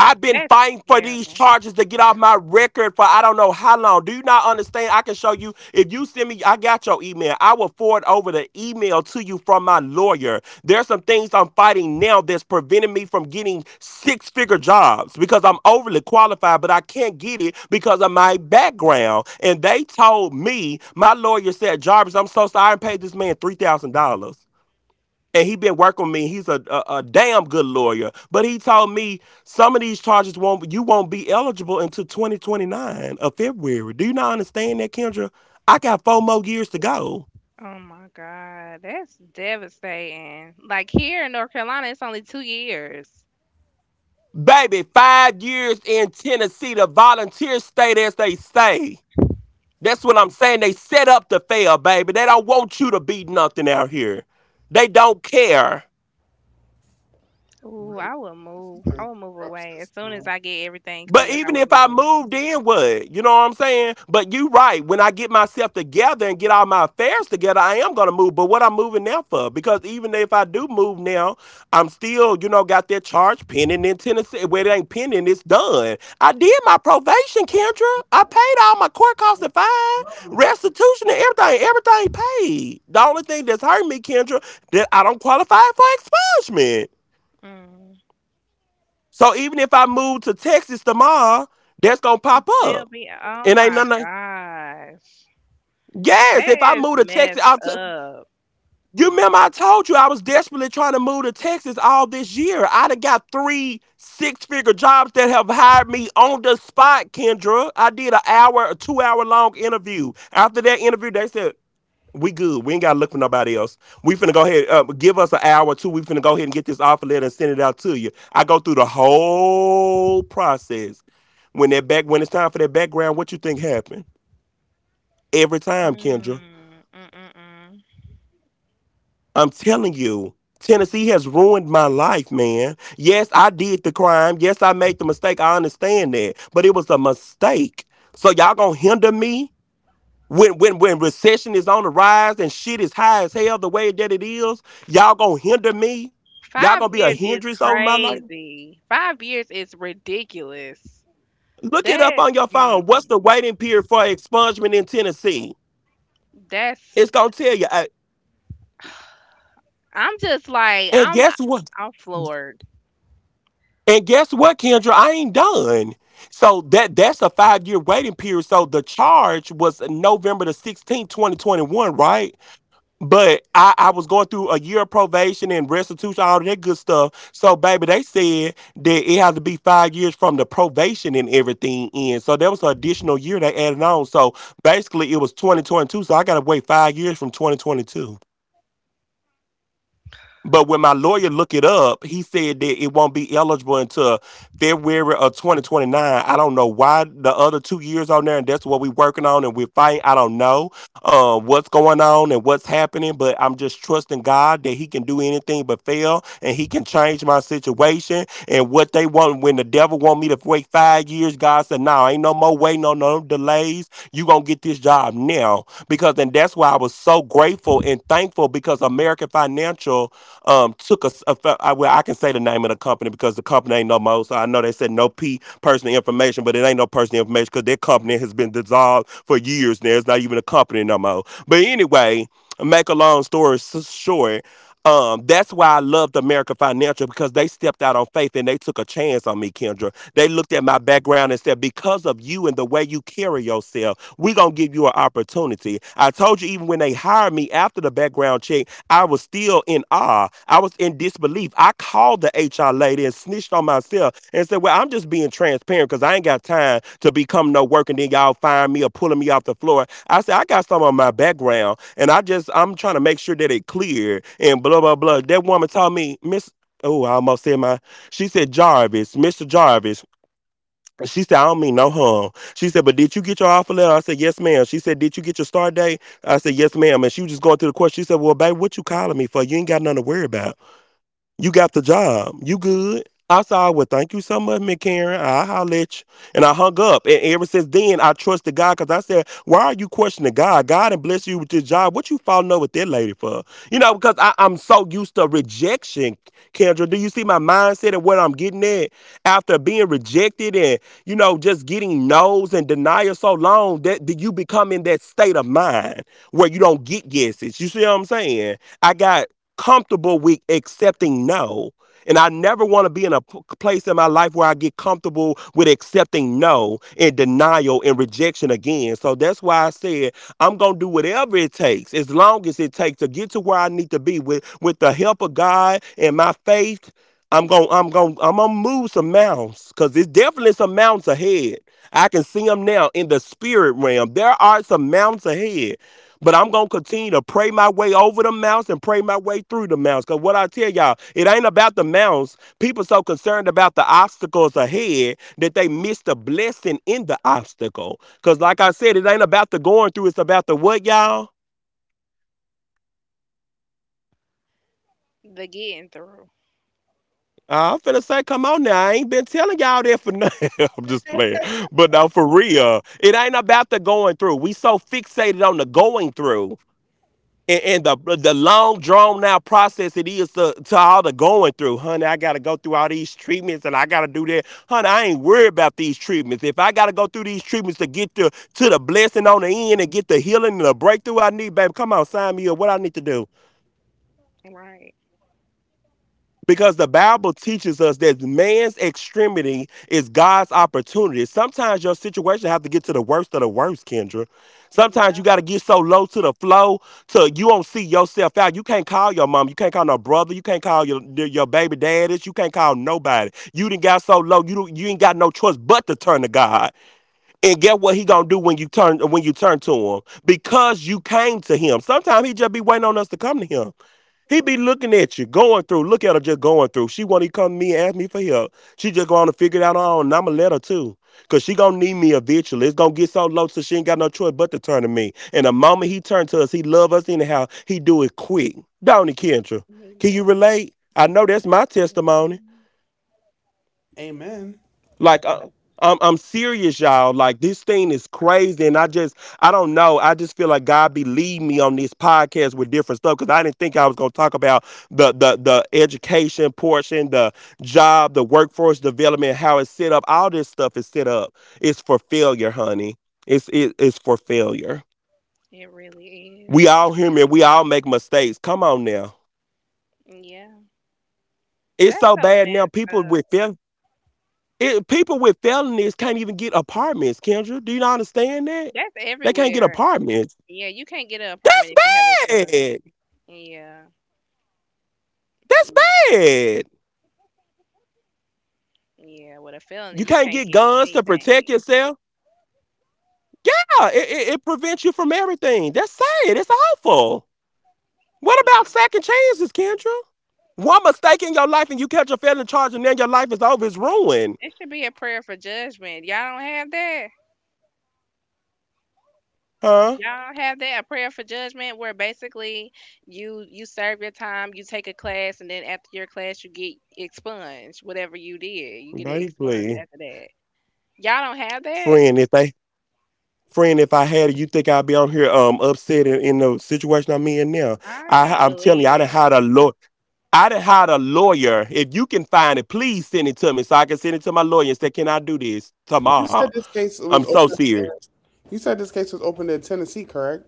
[SPEAKER 1] I've been
[SPEAKER 2] That's
[SPEAKER 1] fighting for these
[SPEAKER 2] terrible.
[SPEAKER 1] charges to get off my record for I don't know how long. Do you not understand? I can show you. If you send me, I got your email. I will forward over the email to you from my lawyer. There's some things I'm fighting now that's preventing me from getting six figure jobs because I'm overly qualified, but I can't get it because of my background. And they told me, my lawyer said, Jarvis, I'm so sorry. I paid this man $3,000 and he been working with me. He's a damn good lawyer, but he told me some of these charges won't you won't be eligible until 2029 of February. Do you not understand that, Kendra? I got four more years to go,
[SPEAKER 2] Oh my god, that's devastating. Like here in North Carolina, it's only 2 years.
[SPEAKER 1] baby. 5 years in Tennessee, the volunteers stay as they say. That's what I'm saying. They set up to fail, baby. They don't want you to be nothing out here. They don't care.
[SPEAKER 2] Ooh,
[SPEAKER 3] Really,
[SPEAKER 2] I will
[SPEAKER 3] this
[SPEAKER 2] move.
[SPEAKER 3] is
[SPEAKER 2] I
[SPEAKER 3] a
[SPEAKER 2] will move
[SPEAKER 3] corrupt
[SPEAKER 2] away as soon as
[SPEAKER 3] system.
[SPEAKER 2] I get everything
[SPEAKER 1] But
[SPEAKER 2] cleared. I
[SPEAKER 1] even
[SPEAKER 2] would
[SPEAKER 1] if I
[SPEAKER 2] move.
[SPEAKER 1] moved in, what? You know what I'm saying? But you right. When I get myself together and get all my affairs together, I am gonna move. But what I'm moving now for? Because even if I do move now, I'm still, you know, got that charge pending in Tennessee. Where it ain't pending, it's done. I did my probation, Kendra. I paid all my court costs and fine,
[SPEAKER 3] Wow.
[SPEAKER 1] restitution and everything. Everything paid. The only thing that's hurting me, Kendra, that I don't qualify for expungement.
[SPEAKER 2] Mm.
[SPEAKER 1] So even if I move to Texas tomorrow, that's gonna pop
[SPEAKER 2] Still
[SPEAKER 1] up.
[SPEAKER 2] be. Oh
[SPEAKER 1] It ain't
[SPEAKER 2] my
[SPEAKER 1] nothing. Like,
[SPEAKER 2] gosh,
[SPEAKER 1] Yes, if I
[SPEAKER 2] that is
[SPEAKER 1] move to
[SPEAKER 2] messed
[SPEAKER 1] Texas,
[SPEAKER 2] up.
[SPEAKER 1] you remember I told you I was desperately trying to move to Texas all this year. I done got 3 six figure jobs that have hired me on the spot, Kendra. I did an hour, a 2 hour long interview. After that interview, they said, we good. We ain't got to look for nobody else. We finna go ahead, give us an hour or two. We finna go ahead and get this offer letter and send it out to you. I go through the whole process. When that back, when it's time for that background, what you think happened? Every time, Kendra.
[SPEAKER 2] Mm, mm, mm, mm.
[SPEAKER 1] I'm telling you, Tennessee has ruined my life, man. Yes, I did the crime. Yes, I made the mistake. I understand that. But it was a mistake. So y'all gonna hinder me? When recession is on the rise and shit is high as hell the way that it is, y'all gonna hinder me? Y'all
[SPEAKER 2] Five
[SPEAKER 1] gonna be a
[SPEAKER 2] years is
[SPEAKER 1] hindrance over my life?
[SPEAKER 2] crazy. 5 years is ridiculous.
[SPEAKER 1] Look it up
[SPEAKER 2] That.
[SPEAKER 1] on your phone. What's the
[SPEAKER 2] Mm-mm.
[SPEAKER 1] waiting period for expungement in Tennessee?
[SPEAKER 2] That's
[SPEAKER 1] It's gonna tell you.
[SPEAKER 2] I'm just like,
[SPEAKER 1] And
[SPEAKER 2] I'm
[SPEAKER 1] guess what?
[SPEAKER 2] I'm floored.
[SPEAKER 1] And guess what, Kendra? I ain't done. So that's a 5 year waiting period. So the charge was November the 16th, 2021, right? But I was going through a year of probation and restitution, all of that good stuff. So baby, they said that it had to be 5 years from the probation and everything in. So there was an additional year they added on. So basically it was 2022. So I gotta wait 5 years from 2022. But when my lawyer looked it up, he said that it won't be eligible until February of 2029. I don't know why the other 2 years on there, and that's what we're working on and we're fighting. I don't know what's going on and what's happening, but I'm just trusting God that He can do anything but fail and He can change my situation and what they want. When the devil want me to wait 5 years, God said, "No, nah, ain't no more waiting, no no delays. You gonna get this job now." Because and that's why I was so grateful and thankful because American Financial took us. I well, I can say the name of the company because the company ain't no more. So I know they said no P personal information, but it ain't no personal information because their company has been dissolved for years now. It's not even a the company no more. But anyway, make a long story short, that's why I loved America Financial because they stepped out on faith and they took a chance on me, Kendra. They looked at my background and said, because of you and the way you carry yourself, we're going to give you an opportunity. I told you, even when they hired me after the background check, I was still in awe. I was in disbelief. I called the HR lady and snitched on myself and said, well, I'm just being transparent because I ain't got time to become no work and then y'all firing me or pulling me off the floor. I said, I got some of my background and I'm trying to make sure that it clear and blah, blah, blah. That woman told me, Miss, oh, I almost said my, she said, Jarvis, Mr. Jarvis. She said, I don't mean no harm. She said, but did you get your offer letter? I said, yes, ma'am. She said, did you get your start date? I said, yes, ma'am. And she was just going through the course. She said, well, babe, what you calling me for? You ain't got nothing to worry about. You got the job. You good. I said, well, thank you so much, Miss Karen. I holler at you. And I hung up. And ever since then, I trusted God because I said, why are you questioning God? God and bless you with this job. What you falling over with that lady for? You know, because I'm so used to rejection, Kendra. Do you see my mindset and what I'm getting at? After being rejected and, you know, just getting no's and denial so long that you become in that state of mind where you don't get yeses. You see what I'm saying? I got comfortable with accepting no. And I never want to be in a place in my life where I get comfortable with accepting no and denial and rejection again. So that's why I said I'm going to do whatever it takes, as long as it takes to get to where I need to be with the help of God and my faith. I'm going to I'm going to I'm going to move some mountains cuz there's definitely some mountains ahead. I can see them now in the spirit realm. There are some mountains ahead. But I'm gonna continue to pray my way over the mountains and pray my way through the mountains. Cause what I tell y'all, it ain't about the mountains. People so concerned about the obstacles ahead that they miss the blessing in the obstacle. Cause like I said, it ain't about the going through, it's about the what, y'all?
[SPEAKER 2] The getting through,
[SPEAKER 1] I'm finna say, come on now. I ain't been telling y'all that for nothing. I'm just playing. But no, for real, it ain't about the going through. We so fixated on the going through and, and the long drawn out process it is to all the going through, honey. I gotta go through all these treatments and I gotta do that, honey. I ain't worried about these treatments. If I gotta go through these treatments to get to the blessing on the end and get the healing and the breakthrough I need, baby, come on, sign me up. What I need to do?
[SPEAKER 2] right?
[SPEAKER 1] Because the Bible teaches us that man's extremity is God's opportunity. Sometimes your situation have to get to the worst of the worst, Kendra. Sometimes
[SPEAKER 2] Yeah,
[SPEAKER 1] you got to get so low to the flow till you don't see yourself out. You can't call your mom. You can't call no brother. You can't call your baby daddies. You can't call nobody. You didn't got so low. You ain't got no choice but to turn to God. And get what he gonna do when you turn to him because you came to him. Sometimes he just be waiting on us to come to him. He be looking at you, going through. Look at her just going through. She want to come to me and ask me for help. She just going to figure it out on her own. And I'm going to let her too. Because she going to need me eventually. It's going to get so low so she ain't got no choice but to turn to me. And the moment he turn to us, he love us anyhow. He do it quick. Don't he, Kendra?
[SPEAKER 2] he
[SPEAKER 1] Can you
[SPEAKER 2] does.
[SPEAKER 1] relate? I know that's my testimony.
[SPEAKER 2] Mhm.
[SPEAKER 3] Amen.
[SPEAKER 1] Serious, y'all. Like this thing is crazy, and I don't know. I just feel like God be leading me on this podcast with different stuff because I didn't think I was gonna talk about the education portion, the job, the workforce development, how it's set up. All this stuff is set up. It's for failure, honey. It's for failure.
[SPEAKER 2] It really
[SPEAKER 1] We
[SPEAKER 2] is.
[SPEAKER 1] all human. We all make mistakes. Come on now.
[SPEAKER 2] Yeah,
[SPEAKER 1] It's
[SPEAKER 2] that's
[SPEAKER 1] so
[SPEAKER 2] so
[SPEAKER 1] bad now.
[SPEAKER 2] messed
[SPEAKER 1] People
[SPEAKER 2] up.
[SPEAKER 1] with people with felonies can't even get apartments. Kendra, do you not understand that?
[SPEAKER 2] That's
[SPEAKER 1] They can't get
[SPEAKER 2] everywhere.
[SPEAKER 1] apartments.
[SPEAKER 2] Yeah, you can't get an apartment if you have a
[SPEAKER 1] That's
[SPEAKER 2] felony.
[SPEAKER 1] bad.
[SPEAKER 2] Yeah.
[SPEAKER 1] That's
[SPEAKER 2] Mm,
[SPEAKER 1] bad.
[SPEAKER 2] yeah, with a
[SPEAKER 1] You
[SPEAKER 2] felony you
[SPEAKER 1] can't
[SPEAKER 2] can't
[SPEAKER 1] get
[SPEAKER 2] get
[SPEAKER 1] guns to protect
[SPEAKER 2] anything.
[SPEAKER 1] yourself. Yeah, it prevents you from everything. That's sad. It's awful. What about
[SPEAKER 2] Yeah,
[SPEAKER 1] second chances, Kendra? One mistake in your life and you catch a felony charge and then your life is over. It's ruined.
[SPEAKER 2] it should be a prayer for judgment. Y'all don't have that.
[SPEAKER 1] Huh?
[SPEAKER 2] Y'all have that a prayer for judgment where basically you serve your time, you take a class, and then after your class you get expunged. Whatever you did, you get it expunged
[SPEAKER 1] Basically.
[SPEAKER 2] after that. Y'all don't have that?
[SPEAKER 1] Friend, if they friend, if I had it, you think I'd be on here upset in the situation I'm in now.
[SPEAKER 2] I
[SPEAKER 1] I
[SPEAKER 2] can't
[SPEAKER 1] I'm telling you,
[SPEAKER 2] believe
[SPEAKER 1] I done
[SPEAKER 2] that.
[SPEAKER 1] had a lot. I done hired a lawyer. If you can find it, please send it to me so I can send it to my lawyer and say, can I do this? So
[SPEAKER 3] You said this case was open. You said this case was opened in Tennessee, correct?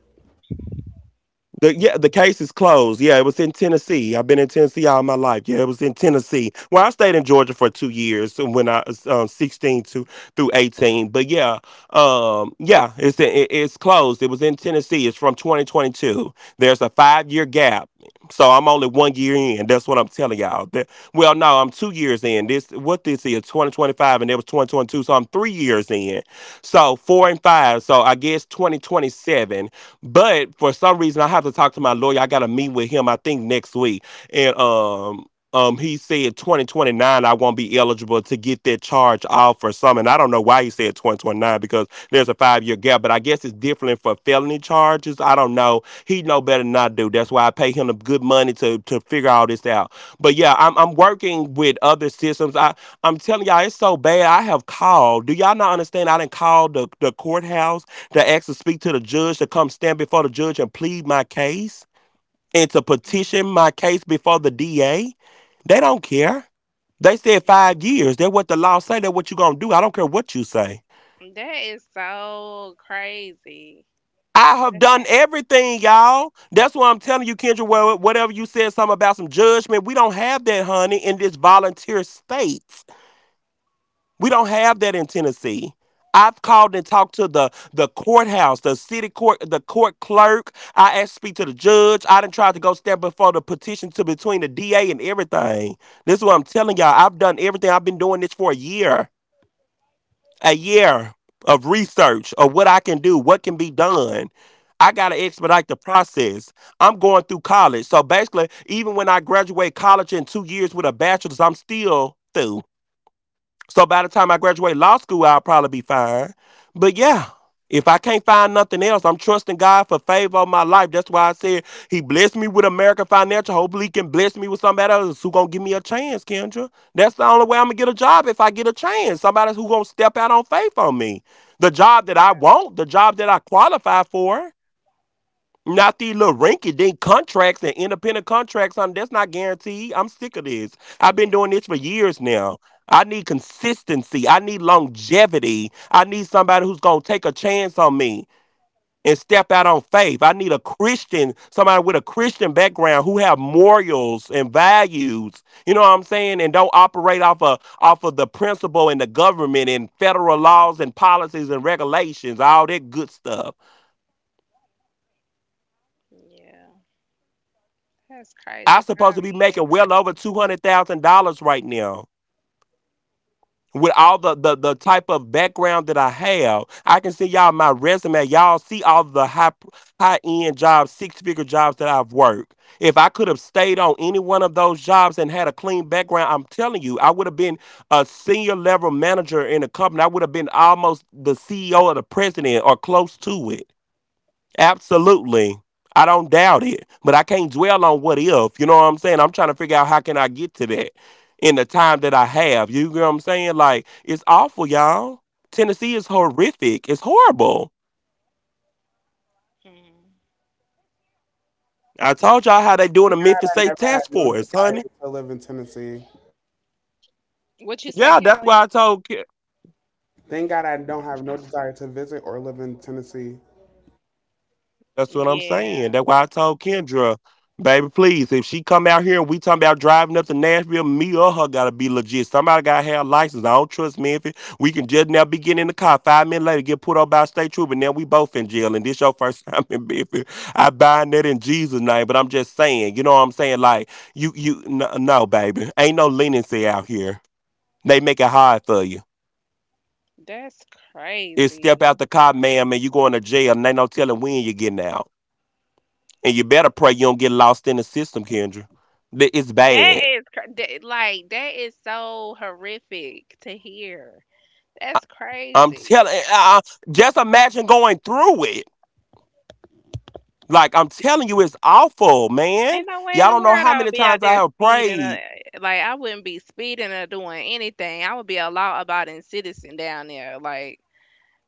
[SPEAKER 1] the, yeah, the case is closed. Yeah, it was in Tennessee. I've been in Tennessee all my life. Yeah, it was in Tennessee. Well, I stayed in Georgia for 2 years when I was 16 to through 18. But yeah, yeah, it's closed. It was in Tennessee. It's from 2022. There's a 5 year gap, so I'm only 1 year in. That's what I'm telling y'all. That, well, no, I'm 2 years in. This what this is 2025, and it was 2022, so I'm 3 years in. So four and five. So I guess 2027. But for some reason, I have to talk to my lawyer. I got to meet with him. I think next week, and he said 2029 I won't be eligible to get that charge off or something. And I don't know why he said 2029 because there's a 5 year gap, but I guess it's different for felony charges. I don't know, he know better than I do. That's why I pay him the good money to figure all this out. But I'm working with other systems. I'm telling y'all, it's so bad. I have called, do y'all not understand, I didn't call the courthouse to ask to speak to the judge, to come stand before the judge and plead my case and to
[SPEAKER 2] Mhm.
[SPEAKER 1] petition my case before the DA, they don't care. They said 5 years. That's what the law say. That's what you gonna do. I don't care what you say.
[SPEAKER 2] That is so crazy.
[SPEAKER 1] I have done
[SPEAKER 2] Okay.
[SPEAKER 1] everything, y'all. That's why I'm telling you, Kendra. Well, whatever you said, something about some judgment, we don't have that, honey, in this volunteer state. We don't have that in Tennessee. I've called and talked to the courthouse, the city court, the court clerk. I asked to speak to the judge. I done tried to go stand before the petition to between the DA and everything. This is what I'm telling y'all. I've done everything. I've been doing this for a year. A year of research of what I can do, what can be done. I gotta expedite the process. I'm going through college. So basically, even when I graduate college in 2 years with a bachelor's, I'm still through. So by the time I graduate law school, I'll probably be fine. But yeah, if I can't find nothing else, I'm trusting God for favor on my life. That's why I said He blessed me with American Financial. Hopefully, He can bless me with somebody else who gonna give me a chance, Kendra. That's the only way I'm gonna get a job, if I get a chance. Somebody who gonna step out on faith on me. The job that I
[SPEAKER 2] Yeah.
[SPEAKER 1] want, the job that I qualify for. Not these little rinky dink contracts and independent contracts. I That's not guaranteed. I'm sick of this. I've been
[SPEAKER 2] Yeah.
[SPEAKER 1] doing this for years now. I need consistency. I need longevity. I need somebody who's going to take a chance on me and step out on faith. I need a Christian, somebody with a Christian background who have morals and values. You know what I'm saying? And don't operate off of the principle and the government and federal laws and policies and regulations, all that good stuff.
[SPEAKER 2] Yeah. That's
[SPEAKER 1] I'm
[SPEAKER 2] crazy.
[SPEAKER 1] supposed to
[SPEAKER 2] Five
[SPEAKER 1] be making
[SPEAKER 2] years.
[SPEAKER 1] well over $200,000 right now. With all the type of background that I have, I can see y'all my resume. Y'all see all the high end jobs, six figure jobs that I've worked. If I could have stayed on any one of those jobs and had a clean background, I'm telling you, I would have been a senior level manager in a company. I would have been almost the CEO or the president or close to it. Absolutely. I don't doubt it, but I can't dwell on what if. You know what I'm saying? I'm trying to figure out how can I get to that in the time that I have. You know what I'm saying? Like it's awful, y'all. Tennessee is horrific. It's horrible.
[SPEAKER 2] Mm.
[SPEAKER 1] I told y'all how. To,
[SPEAKER 3] I never had no desire to live in Tennessee.
[SPEAKER 2] What you say,
[SPEAKER 1] yeah, that's why
[SPEAKER 2] Callie?
[SPEAKER 1] I told.
[SPEAKER 3] Thank God I don't have no desire to visit or live in Tennessee.
[SPEAKER 1] That's what I'm saying.
[SPEAKER 2] Yeah.
[SPEAKER 1] That's why I told Kendra, baby, please, if she come out here and we talking about driving up to Nashville, me or her gotta be legit. Somebody gotta have a license. I don't trust Memphis. We can just now be getting in the car. 5 minutes later, get put up by a state trooper. Now we both in jail, and this your first time in Memphis. I bind that in Jesus' name. But I'm just saying, you know what I'm saying? Like no, no baby, ain't no leniency out here. They make it hard for you.
[SPEAKER 2] That's
[SPEAKER 1] It's step
[SPEAKER 2] crazy.
[SPEAKER 1] out the car, ma'am, and you going to jail, and ain't no telling when you're getting out. And you better pray you don't get lost in the system, Kendra. It's
[SPEAKER 2] That
[SPEAKER 1] bad.
[SPEAKER 2] is that, like that is so horrific to hear. That's
[SPEAKER 1] I'm
[SPEAKER 2] crazy.
[SPEAKER 1] telling. Just imagine going through it. Like I'm telling you, it's awful, man.
[SPEAKER 2] Ain't no way in
[SPEAKER 1] Y'all
[SPEAKER 2] the
[SPEAKER 1] don't know
[SPEAKER 2] world
[SPEAKER 1] how
[SPEAKER 2] I
[SPEAKER 1] many
[SPEAKER 2] would be out
[SPEAKER 1] times I
[SPEAKER 2] there
[SPEAKER 1] have
[SPEAKER 2] speeding.
[SPEAKER 1] prayed.
[SPEAKER 2] Like I wouldn't be speeding or doing anything. I would be a law abiding citizen down there. Like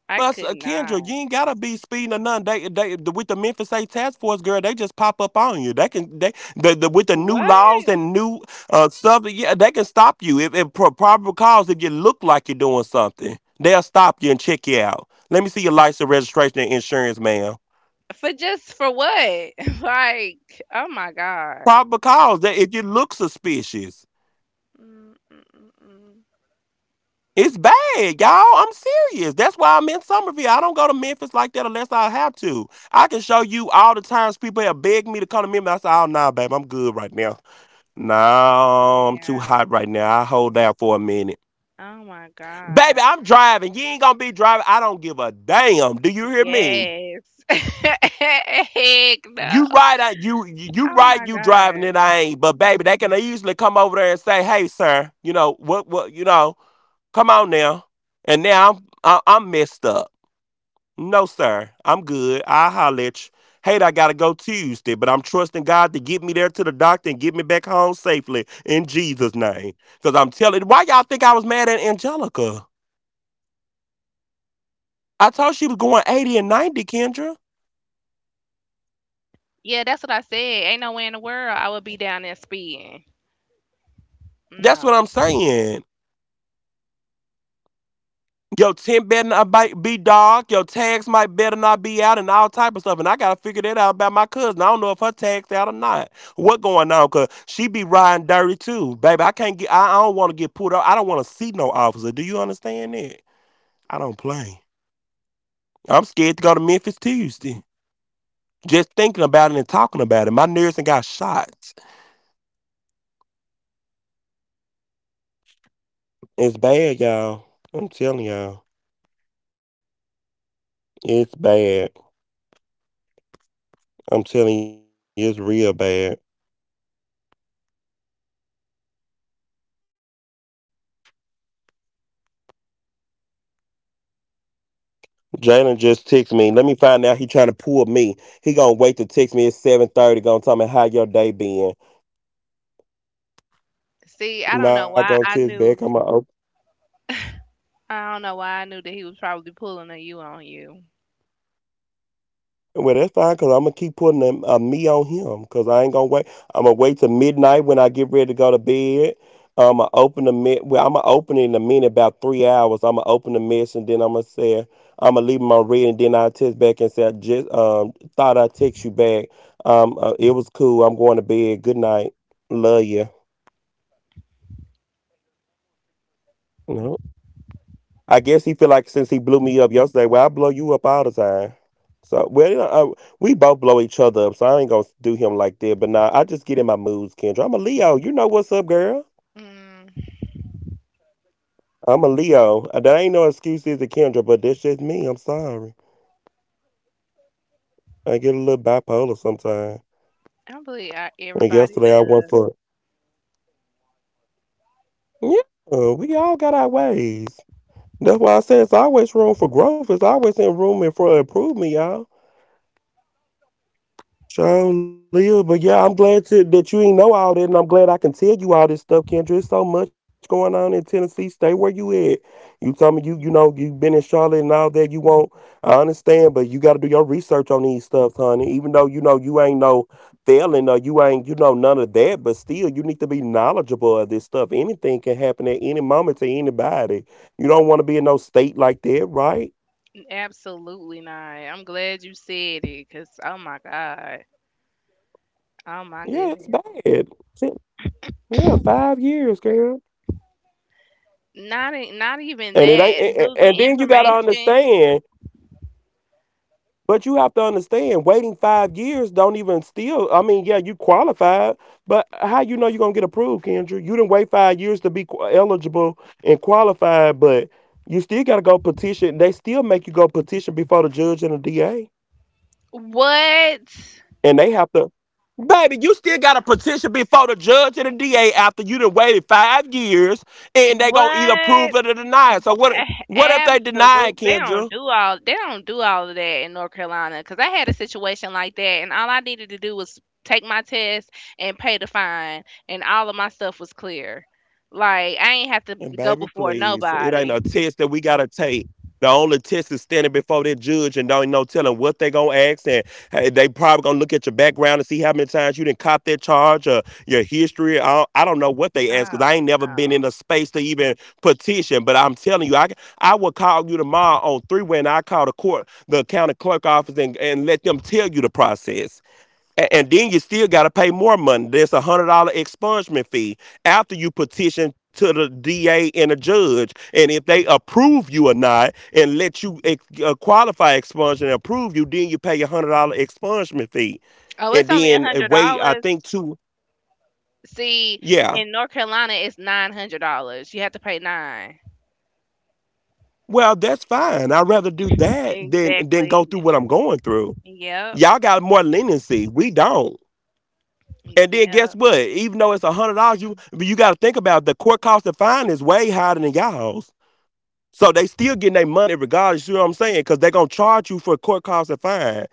[SPEAKER 2] I
[SPEAKER 1] But
[SPEAKER 2] could
[SPEAKER 1] Kendra, you
[SPEAKER 2] not.
[SPEAKER 1] ain't gotta be speeding or nothing. They with the Memphis State Task Force, girl, they just pop up on you. They can they the with the new
[SPEAKER 2] What
[SPEAKER 1] laws and new stuff. Yeah, they can stop you if probable cause, if you look like you're doing something, they'll stop you and check you out. Let me see your license, registration, and insurance, ma'am.
[SPEAKER 2] for? Just for what? like oh my god.
[SPEAKER 1] Probable cause, that if you look suspicious.
[SPEAKER 2] Mm, mm, mm, mm.
[SPEAKER 1] It's bad, y'all. I'm serious. That's why I'm in Somerville. I don't go to Memphis like that unless I have to. I can show you all the times people have begged me to come to Memphis. I say, oh, nah, babe, I'm good right now. Nah, I'm too
[SPEAKER 2] Yeah.
[SPEAKER 1] hot right now. I hold down for a minute.
[SPEAKER 2] Oh my
[SPEAKER 1] Baby,
[SPEAKER 2] god.
[SPEAKER 1] I'm driving. You ain't gonna be driving. I don't give a damn. Do you hear me?
[SPEAKER 2] Yes. Heck no.
[SPEAKER 1] You right, I, you
[SPEAKER 2] Oh
[SPEAKER 1] right,
[SPEAKER 2] my
[SPEAKER 1] you driving it.
[SPEAKER 2] god.
[SPEAKER 1] I ain't, but baby, they can easily come over there and say, "Hey, sir, you know what? What you know? Come on now." And now I'm messed up. No, sir. I'm good. I'll holler at you. Hate I gotta go Tuesday, but I'm trusting God to get me there to the doctor and get me back home safely in Jesus' name. Cause I'm telling, why y'all think I was mad at Angelica? I told she was going 80 and 90, Kendra.
[SPEAKER 2] Yeah, that's what I said. Ain't no way in the world I would be down there speeding.
[SPEAKER 1] That's what
[SPEAKER 2] No.
[SPEAKER 1] I'm saying. Your tent better not be dark. Your tags might better not be out and all type of stuff. And I gotta figure that out about my cousin. I don't know if her tags out or not. What going on? Cause she be riding dirty too, baby. I can't get. I don't want to get pulled up. I don't want to see no officer. Do you understand that? I don't play. I'm scared to go to Memphis Tuesday. Just thinking about it and talking about it, my nerves and got shot. It's bad, y'all. I'm telling y'all. It's bad. I'm telling you, it's real bad. Jalen just text me. Let me find out he trying to me. He gonna wait to text me at 7:30. Gonna tell me how your day been.
[SPEAKER 2] See, I don't know
[SPEAKER 1] Not
[SPEAKER 2] why
[SPEAKER 1] gonna
[SPEAKER 2] I
[SPEAKER 1] text
[SPEAKER 2] knew.
[SPEAKER 1] back. I'm gonna open.
[SPEAKER 2] I don't know why I knew that he was probably pulling a U on you.
[SPEAKER 1] Well, that's fine because I'm gonna keep putting a me on him because I ain't gonna wait. I'm gonna wait till midnight when I get ready to go to bed. I'm gonna open well, I'm gonna open it in a minute, about 3 hours. I'm gonna open the mess and then I'm gonna say, I'm gonna leave my read and then I text back and say, I just thought I text you back. It was cool. I'm going to bed. Good night. Love you. I guess he feel like since he blew me up yesterday, well, I blow you up all the time. So, well, you know, we both blow each other up, so I ain't gonna do him like that. But nah, I just get in my moods, Kendra. I'm a Leo. You know what's up, girl?
[SPEAKER 2] Mm.
[SPEAKER 1] I'm a Leo. That ain't no excuses to Kendra, but that's just me. I'm sorry. I get a little bipolar sometimes.
[SPEAKER 2] I believe
[SPEAKER 1] And
[SPEAKER 2] everybody
[SPEAKER 1] yesterday I went
[SPEAKER 2] does.
[SPEAKER 1] for yeah. We all got our ways. That's why I said it's always room for growth. It's always in room and for improvement, y'all. Sure, Leah. But yeah, I'm glad that you ain't know all that, and I'm glad I can tell you all this stuff, Kendra. There's so much going on in Tennessee. Stay where you at. You told me you know,
[SPEAKER 2] Mm.
[SPEAKER 1] you've been in Charlotte and all that. You won't. I understand, but you got to do your research on these stuff, honey. Even though you know you ain't no failing or you ain't, you know, none of that, but still, you need to be knowledgeable of this stuff. Anything can happen at any moment to anybody. You don't want to be in no state like that, right?
[SPEAKER 2] Absolutely not. I'm glad you said it, cause oh my god, oh my
[SPEAKER 1] Yeah, it's
[SPEAKER 2] goodness.
[SPEAKER 1] bad. Yeah, 5 years, girl.
[SPEAKER 2] Not even
[SPEAKER 1] And it ain't.
[SPEAKER 2] that. Losing
[SPEAKER 1] And then you got to
[SPEAKER 2] information.
[SPEAKER 1] understand. But you have to understand, waiting 5 years don't even still. I mean, yeah, you qualified, but how you know you're gonna get approved, Kendra? You didn't wait 5 years to be eligible and qualified, but you still gotta go petition. They still make you go petition before the judge and the DA,
[SPEAKER 2] What?
[SPEAKER 1] and they have to. Baby, you still got to petition before the judge and the DA after you done waited 5 years, and they gonna either approve
[SPEAKER 2] What?
[SPEAKER 1] it or deny it. So what? What if they deny it,
[SPEAKER 2] Absolute. They don't
[SPEAKER 1] Kendra?
[SPEAKER 2] do all. They don't do all of that in North Carolina. Because I had a situation like that, and all I needed to do was take my test and pay the fine, and all of my stuff was clear. Like I ain't have to
[SPEAKER 1] And
[SPEAKER 2] go
[SPEAKER 1] baby,
[SPEAKER 2] before
[SPEAKER 1] please, it ain't
[SPEAKER 2] nobody.
[SPEAKER 1] a test that we gotta take. The only test is standing before that judge and don't no telling what they gonna ask, and hey, they probably gonna look at your background and see how many times you didn't cop that charge or your history. I don't know what they ask because
[SPEAKER 2] Oh
[SPEAKER 1] I ain't never been
[SPEAKER 2] no.
[SPEAKER 1] in a space to even petition. But I'm telling you, I will call you tomorrow on three when I call the court, the county clerk office, and let them tell you the process. And then you still got to pay more money. There's $100 expungement fee after you petition to the DA and the judge, and if they approve you or not, and let you qualify expungement and approve you, then you pay $100 expungement fee,
[SPEAKER 2] Oh,
[SPEAKER 1] and
[SPEAKER 2] it's only a
[SPEAKER 1] then
[SPEAKER 2] hundred
[SPEAKER 1] wait. I
[SPEAKER 2] dollars.
[SPEAKER 1] think two.
[SPEAKER 2] See,
[SPEAKER 1] Yeah.
[SPEAKER 2] in North Carolina, it's $900. You have to pay nine.
[SPEAKER 1] Well, that's fine. I'd rather do that than go
[SPEAKER 2] Exactly.
[SPEAKER 1] through
[SPEAKER 2] Yep.
[SPEAKER 1] what I'm going through.
[SPEAKER 2] Yep.
[SPEAKER 1] Y'all got more leniency. We don't.
[SPEAKER 2] Mm,
[SPEAKER 1] And then guess
[SPEAKER 2] yeah.
[SPEAKER 1] what? Even though it's $100, you got to think about it. The court cost of fine is way higher than y'all's. So they still getting their money regardless. You know what I'm saying? Because they gonna charge you for court costs and fine.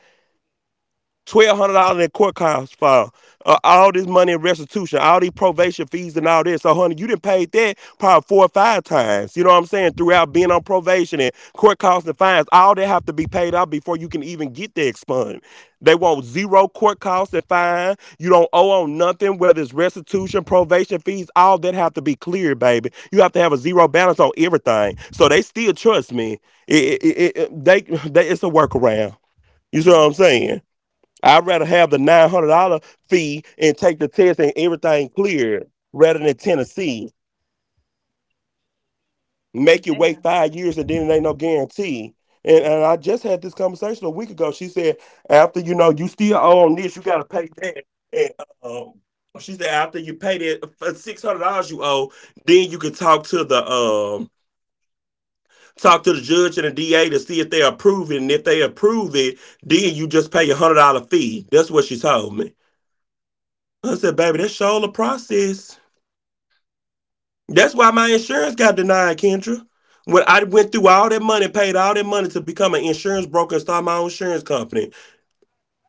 [SPEAKER 1] $1,200 in that court cost file, all this money in restitution, all these probation fees and all this. So, honey, you didn't pay that probably four or five times. You know what I'm saying? Throughout being on probation and court costs and fines, all that have to be paid out before you can even get the expunged. They want zero court costs and fine. You don't owe on nothing, whether it's restitution, probation fees, all that have to be cleared, baby. You have to have a zero balance on everything. So they still trust me. It's a workaround. You see what
[SPEAKER 2] Mm,
[SPEAKER 1] I'm saying? I'd rather have the $900 fee and take the test and everything cleared rather than Tennessee. Make you wait 5 years and then it ain't no guarantee. And I just had this conversation a week ago. She said after you know you still own this, you gotta pay that. And um, she said after you pay that $600 you owe, then you can talk to the judge and the DA to see if they approve it. And if they approve it, then you just pay $100 fee. That's what she told me. I said, baby, that's all the process. That's why my insurance got denied, Kendra. When I went through all that money, paid all that money to become an insurance broker and start my own insurance company.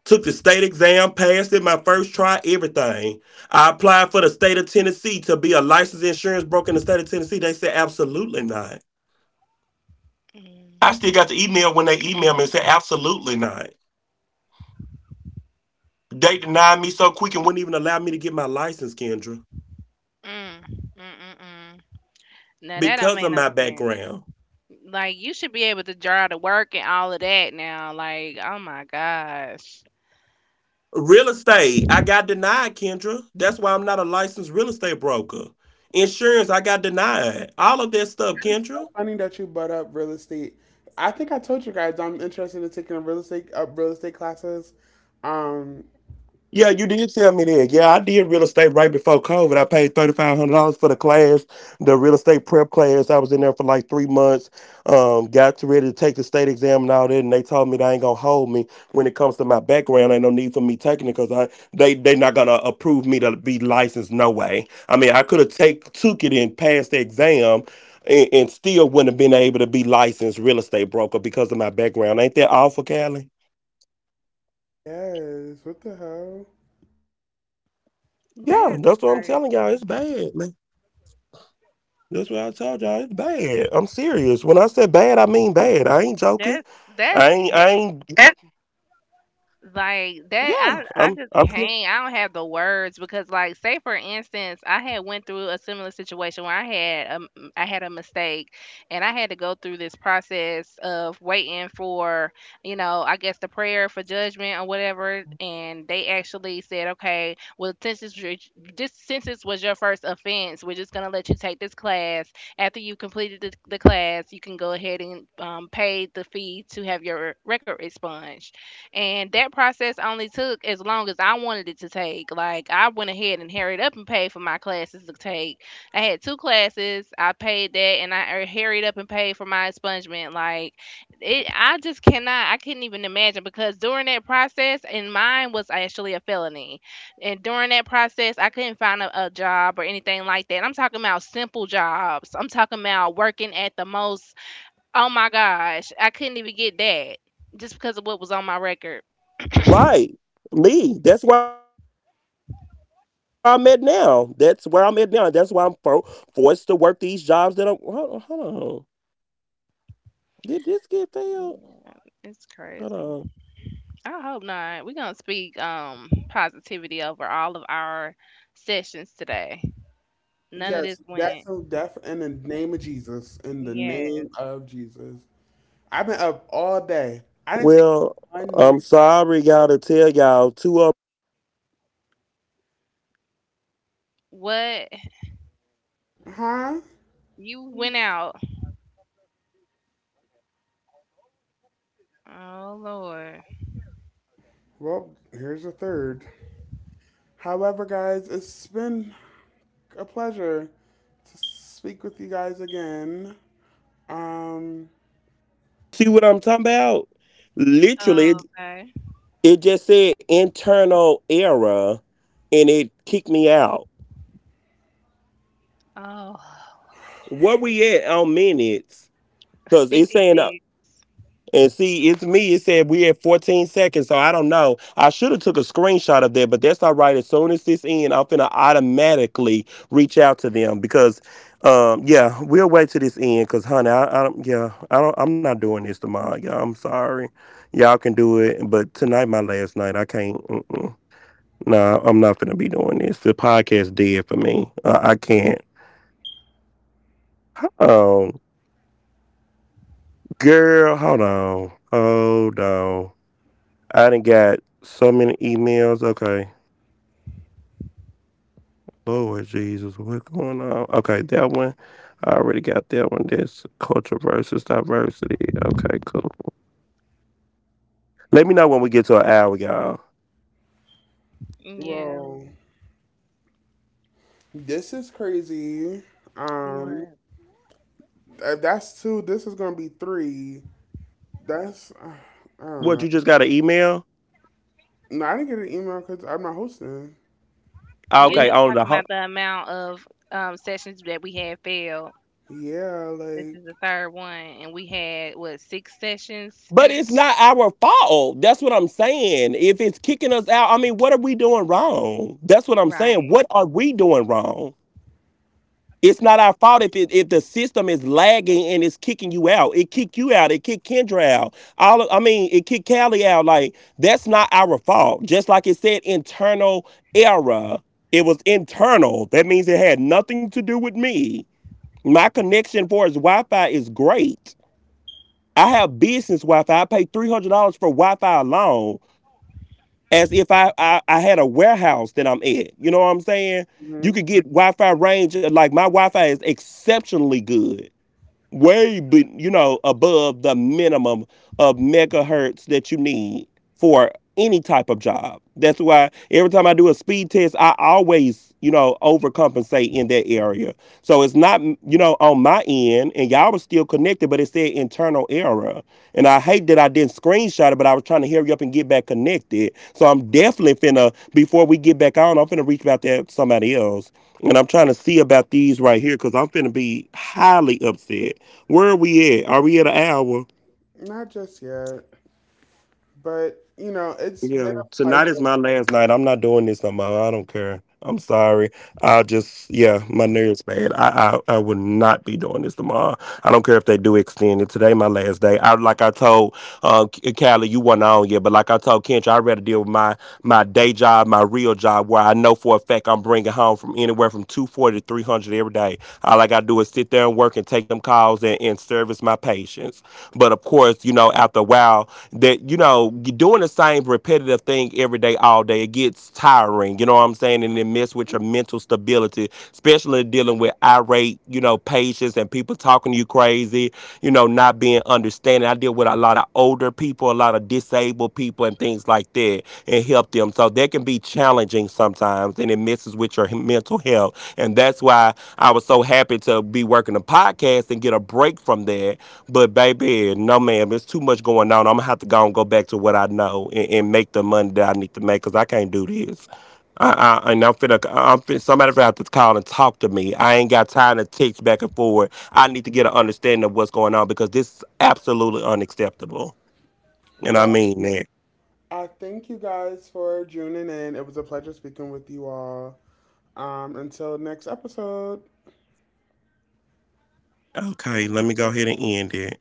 [SPEAKER 1] Took the state exam, passed it my first try, everything. I applied for the state of Tennessee to be a licensed insurance broker in the state of Tennessee. They said absolutely not. I
[SPEAKER 2] mm,
[SPEAKER 1] still got the email when they emailed me and said absolutely not. They denied me so quick and wouldn't even allow me to get my license, Kendra,
[SPEAKER 2] mm, mm, mm. Now that don't
[SPEAKER 1] because of
[SPEAKER 2] make no
[SPEAKER 1] my
[SPEAKER 2] sense.
[SPEAKER 1] background.
[SPEAKER 2] Like you should be able to draw the work and all of that now. Like, oh my gosh.
[SPEAKER 1] Real estate, I got denied, Kendra. That's why I'm not a licensed real estate broker. Insurance, I got denied. All of that stuff, Kendra.
[SPEAKER 3] Funny that you butt up real estate. I think I told you guys I'm interested in taking a real estate classes. Um,
[SPEAKER 1] Yeah, you did tell me that. Yeah, I did real estate right before COVID. I paid $3,500 for the class, the real estate prep class. I was in there for like 3 months. Got to ready to take the state exam and all that, and they told me they ain't gonna hold me when it comes to my background. Ain't no need for me taking it because I they not gonna approve me to be licensed. No way. I mean, I could have take took it and passed the exam. And still wouldn't have been able to be licensed real estate broker because of my background. Ain't that awful, Callie?
[SPEAKER 3] yes. What the hell?
[SPEAKER 1] Yeah,
[SPEAKER 2] That's
[SPEAKER 1] that's what I'm telling
[SPEAKER 2] crazy.
[SPEAKER 1] y'all. It's bad, man. That's what I told y'all. It's bad. I'm serious. When I said bad, I mean bad. I ain't joking.
[SPEAKER 2] That's that's
[SPEAKER 1] I ain't. I ain't.
[SPEAKER 2] like that
[SPEAKER 1] Yeah.
[SPEAKER 2] I just
[SPEAKER 1] I'm
[SPEAKER 2] can't. I don't have the words because like say for instance, I had went through a similar situation where I had a mistake and I had to go through this process of waiting for, I guess the prayer for judgment or whatever and they actually said, "Okay, well since this was your first offense, we're just going to let you take this class. After you completed the class, you can go ahead and pay the fee to have your record expunged." And that process only took as long as I wanted it to take. Like I went ahead and hurried up and paid for my classes to take. I had two classes. I paid that, and I hurried up and paid for my expungement. Like it, I just cannot. I couldn't even imagine because during that process, and mine was actually a felony. And during that process, I couldn't find a job or
[SPEAKER 1] biased
[SPEAKER 2] anything like
[SPEAKER 1] is
[SPEAKER 2] that. I'm
[SPEAKER 1] too.
[SPEAKER 2] talking about simple jobs. I'm talking about working at the most. Oh my gosh, I couldn't even get that just because of what was on my record.
[SPEAKER 1] Right. Me. That's where I'm at now. That's where I'm at now. And that's why forced to work these jobs that I'm. Hold on. Hold on. Did this get failed?
[SPEAKER 2] Yeah, it's
[SPEAKER 1] Hold on.
[SPEAKER 2] crazy. I hope not. We're gonna speak positivity over all of our sessions today. None of this
[SPEAKER 3] Yes, that's
[SPEAKER 2] went.
[SPEAKER 3] so deaf in the name of Jesus. In the name
[SPEAKER 2] Yes.
[SPEAKER 3] of Jesus. I've been up all day. I didn't take
[SPEAKER 1] Well,
[SPEAKER 3] one. mi-
[SPEAKER 1] y'all to tell y'all two of of.
[SPEAKER 2] What
[SPEAKER 3] Huh?
[SPEAKER 2] you went out. Oh Lord.
[SPEAKER 3] Well, here's a third. However, guys, it's been a pleasure. Speak with you guys again. Um,
[SPEAKER 1] You see what I'm talking about? Literally,
[SPEAKER 2] Oh,
[SPEAKER 1] it,
[SPEAKER 2] okay.
[SPEAKER 1] it just said internal error and it kicked me out.
[SPEAKER 2] Oh,
[SPEAKER 1] Where we at on minutes? Because it's saying
[SPEAKER 2] 56.
[SPEAKER 1] and see, it's me. It said we had 14 seconds, so I don't know. I should have took a screenshot of that, but that's all right. As soon as this end, I'm finna automatically reach out to them yeah, we'll wait to this end. Cause, honey, I don't. Yeah, I don't. I'm not doing this tomorrow. Y'all, I'm sorry. Y'all can do it, but tonight, my last night, I can't. Mm-mm. Nah, I'm not mm mm nah I am not finna be doing this. The podcast dead for me. I can't. Um, Girl, hold on. I done got so many emails. Okay. Lord Jesus, what's going on? Okay, that one. I already got that one. That's culture versus diversity. Okay, cool. Let me know when we get to an hour, y'all.
[SPEAKER 2] Yeah.
[SPEAKER 3] well, this is crazy. Um,
[SPEAKER 2] What?
[SPEAKER 3] if that's two, this is gonna be three. That's I don't
[SPEAKER 1] What,
[SPEAKER 3] know.
[SPEAKER 1] you just got an email?
[SPEAKER 3] No, I didn't get an email because I'm not hosting.
[SPEAKER 2] You
[SPEAKER 3] Oh,
[SPEAKER 1] Okay,
[SPEAKER 2] just talking about the amount of sessions that we had failed.
[SPEAKER 3] yeah,
[SPEAKER 2] This
[SPEAKER 3] like
[SPEAKER 2] is the third one and we had what six sessions?
[SPEAKER 1] but it's not our fault. That's what I'm saying. If it's kicking us out, I mean, what are we doing wrong? That's what I'm saying.
[SPEAKER 2] Right.
[SPEAKER 1] What are we doing wrong? It's not our fault if the system is lagging and it's kicking you out. It kicked you out. It kicked Kendra out. I mean, it kicked Callie out. Like that's not our fault. Just like it said, internal error. It was internal. That means it had nothing to do with me. My connection for his Wi-Fi is great. I have business Wi-Fi. I pay $300 for Wi-Fi alone as if I had a warehouse that I'm at. You know what I'm saying? You
[SPEAKER 3] mhm.
[SPEAKER 1] could get Wi-Fi range. Like my Wi-Fi is exceptionally good way be, you know, above the minimum of megahertz that you need for any type of job. That's why every time I do a speed test I always, you know, overcompensate in that area. So it's not, you know, on my end and y'all was still connected but it said internal error, and I hate that I didn't screenshot it but I was trying to hurry up and get back connected. So I'm definitely finna, before we get back on, I'm finna reach out to somebody else and I'm trying to see about these right here because I'm finna be highly upset. Where are we at? Are we at an hour?
[SPEAKER 3] Not just yet, but you know, it's been
[SPEAKER 1] Yeah.
[SPEAKER 3] a pleasure.
[SPEAKER 1] Tonight is my last night. I'm not doing this no more. I don't care. I'm sorry. I just, yeah, my nerves bad. I would not be doing this tomorrow. I don't care if they do extend it. Today my last day. I like I told Callie, you weren't on yet, but like I told Kench, I'd rather deal with my day job, my real job where I know for a fact I'm bringing home from anywhere from 240 to 300 every day. All I got to do is sit there and work and take them calls, and service my patients. But of course, you know, after a while, that, you know, you're doing the same repetitive thing every day all day, it gets tiring. You know what I'm saying? And it mess with your mental stability, especially dealing with irate, you know, patients and people talking to you crazy, you know, not being understanding. I deal with a lot of older people, a lot of disabled people and things like that and help them, so that can be challenging sometimes and it messes with your mental health. And that's why I was so happy to be working a podcast and get a break from that. But baby, no ma'am, it's too much going on. I'm gonna have to go and go back to what I know and make the money that I need to make because I can't do this. I, I'm finna, somebody finna have to call and talk to me. I ain't got time to text back and forth. I need to get an understanding of what's going on because this is absolutely unacceptable. And I
[SPEAKER 3] Well,
[SPEAKER 1] mean that.
[SPEAKER 3] I thank you guys for tuning in. It was a pleasure speaking with you all. Until next episode.
[SPEAKER 1] Okay, let me go ahead and end it.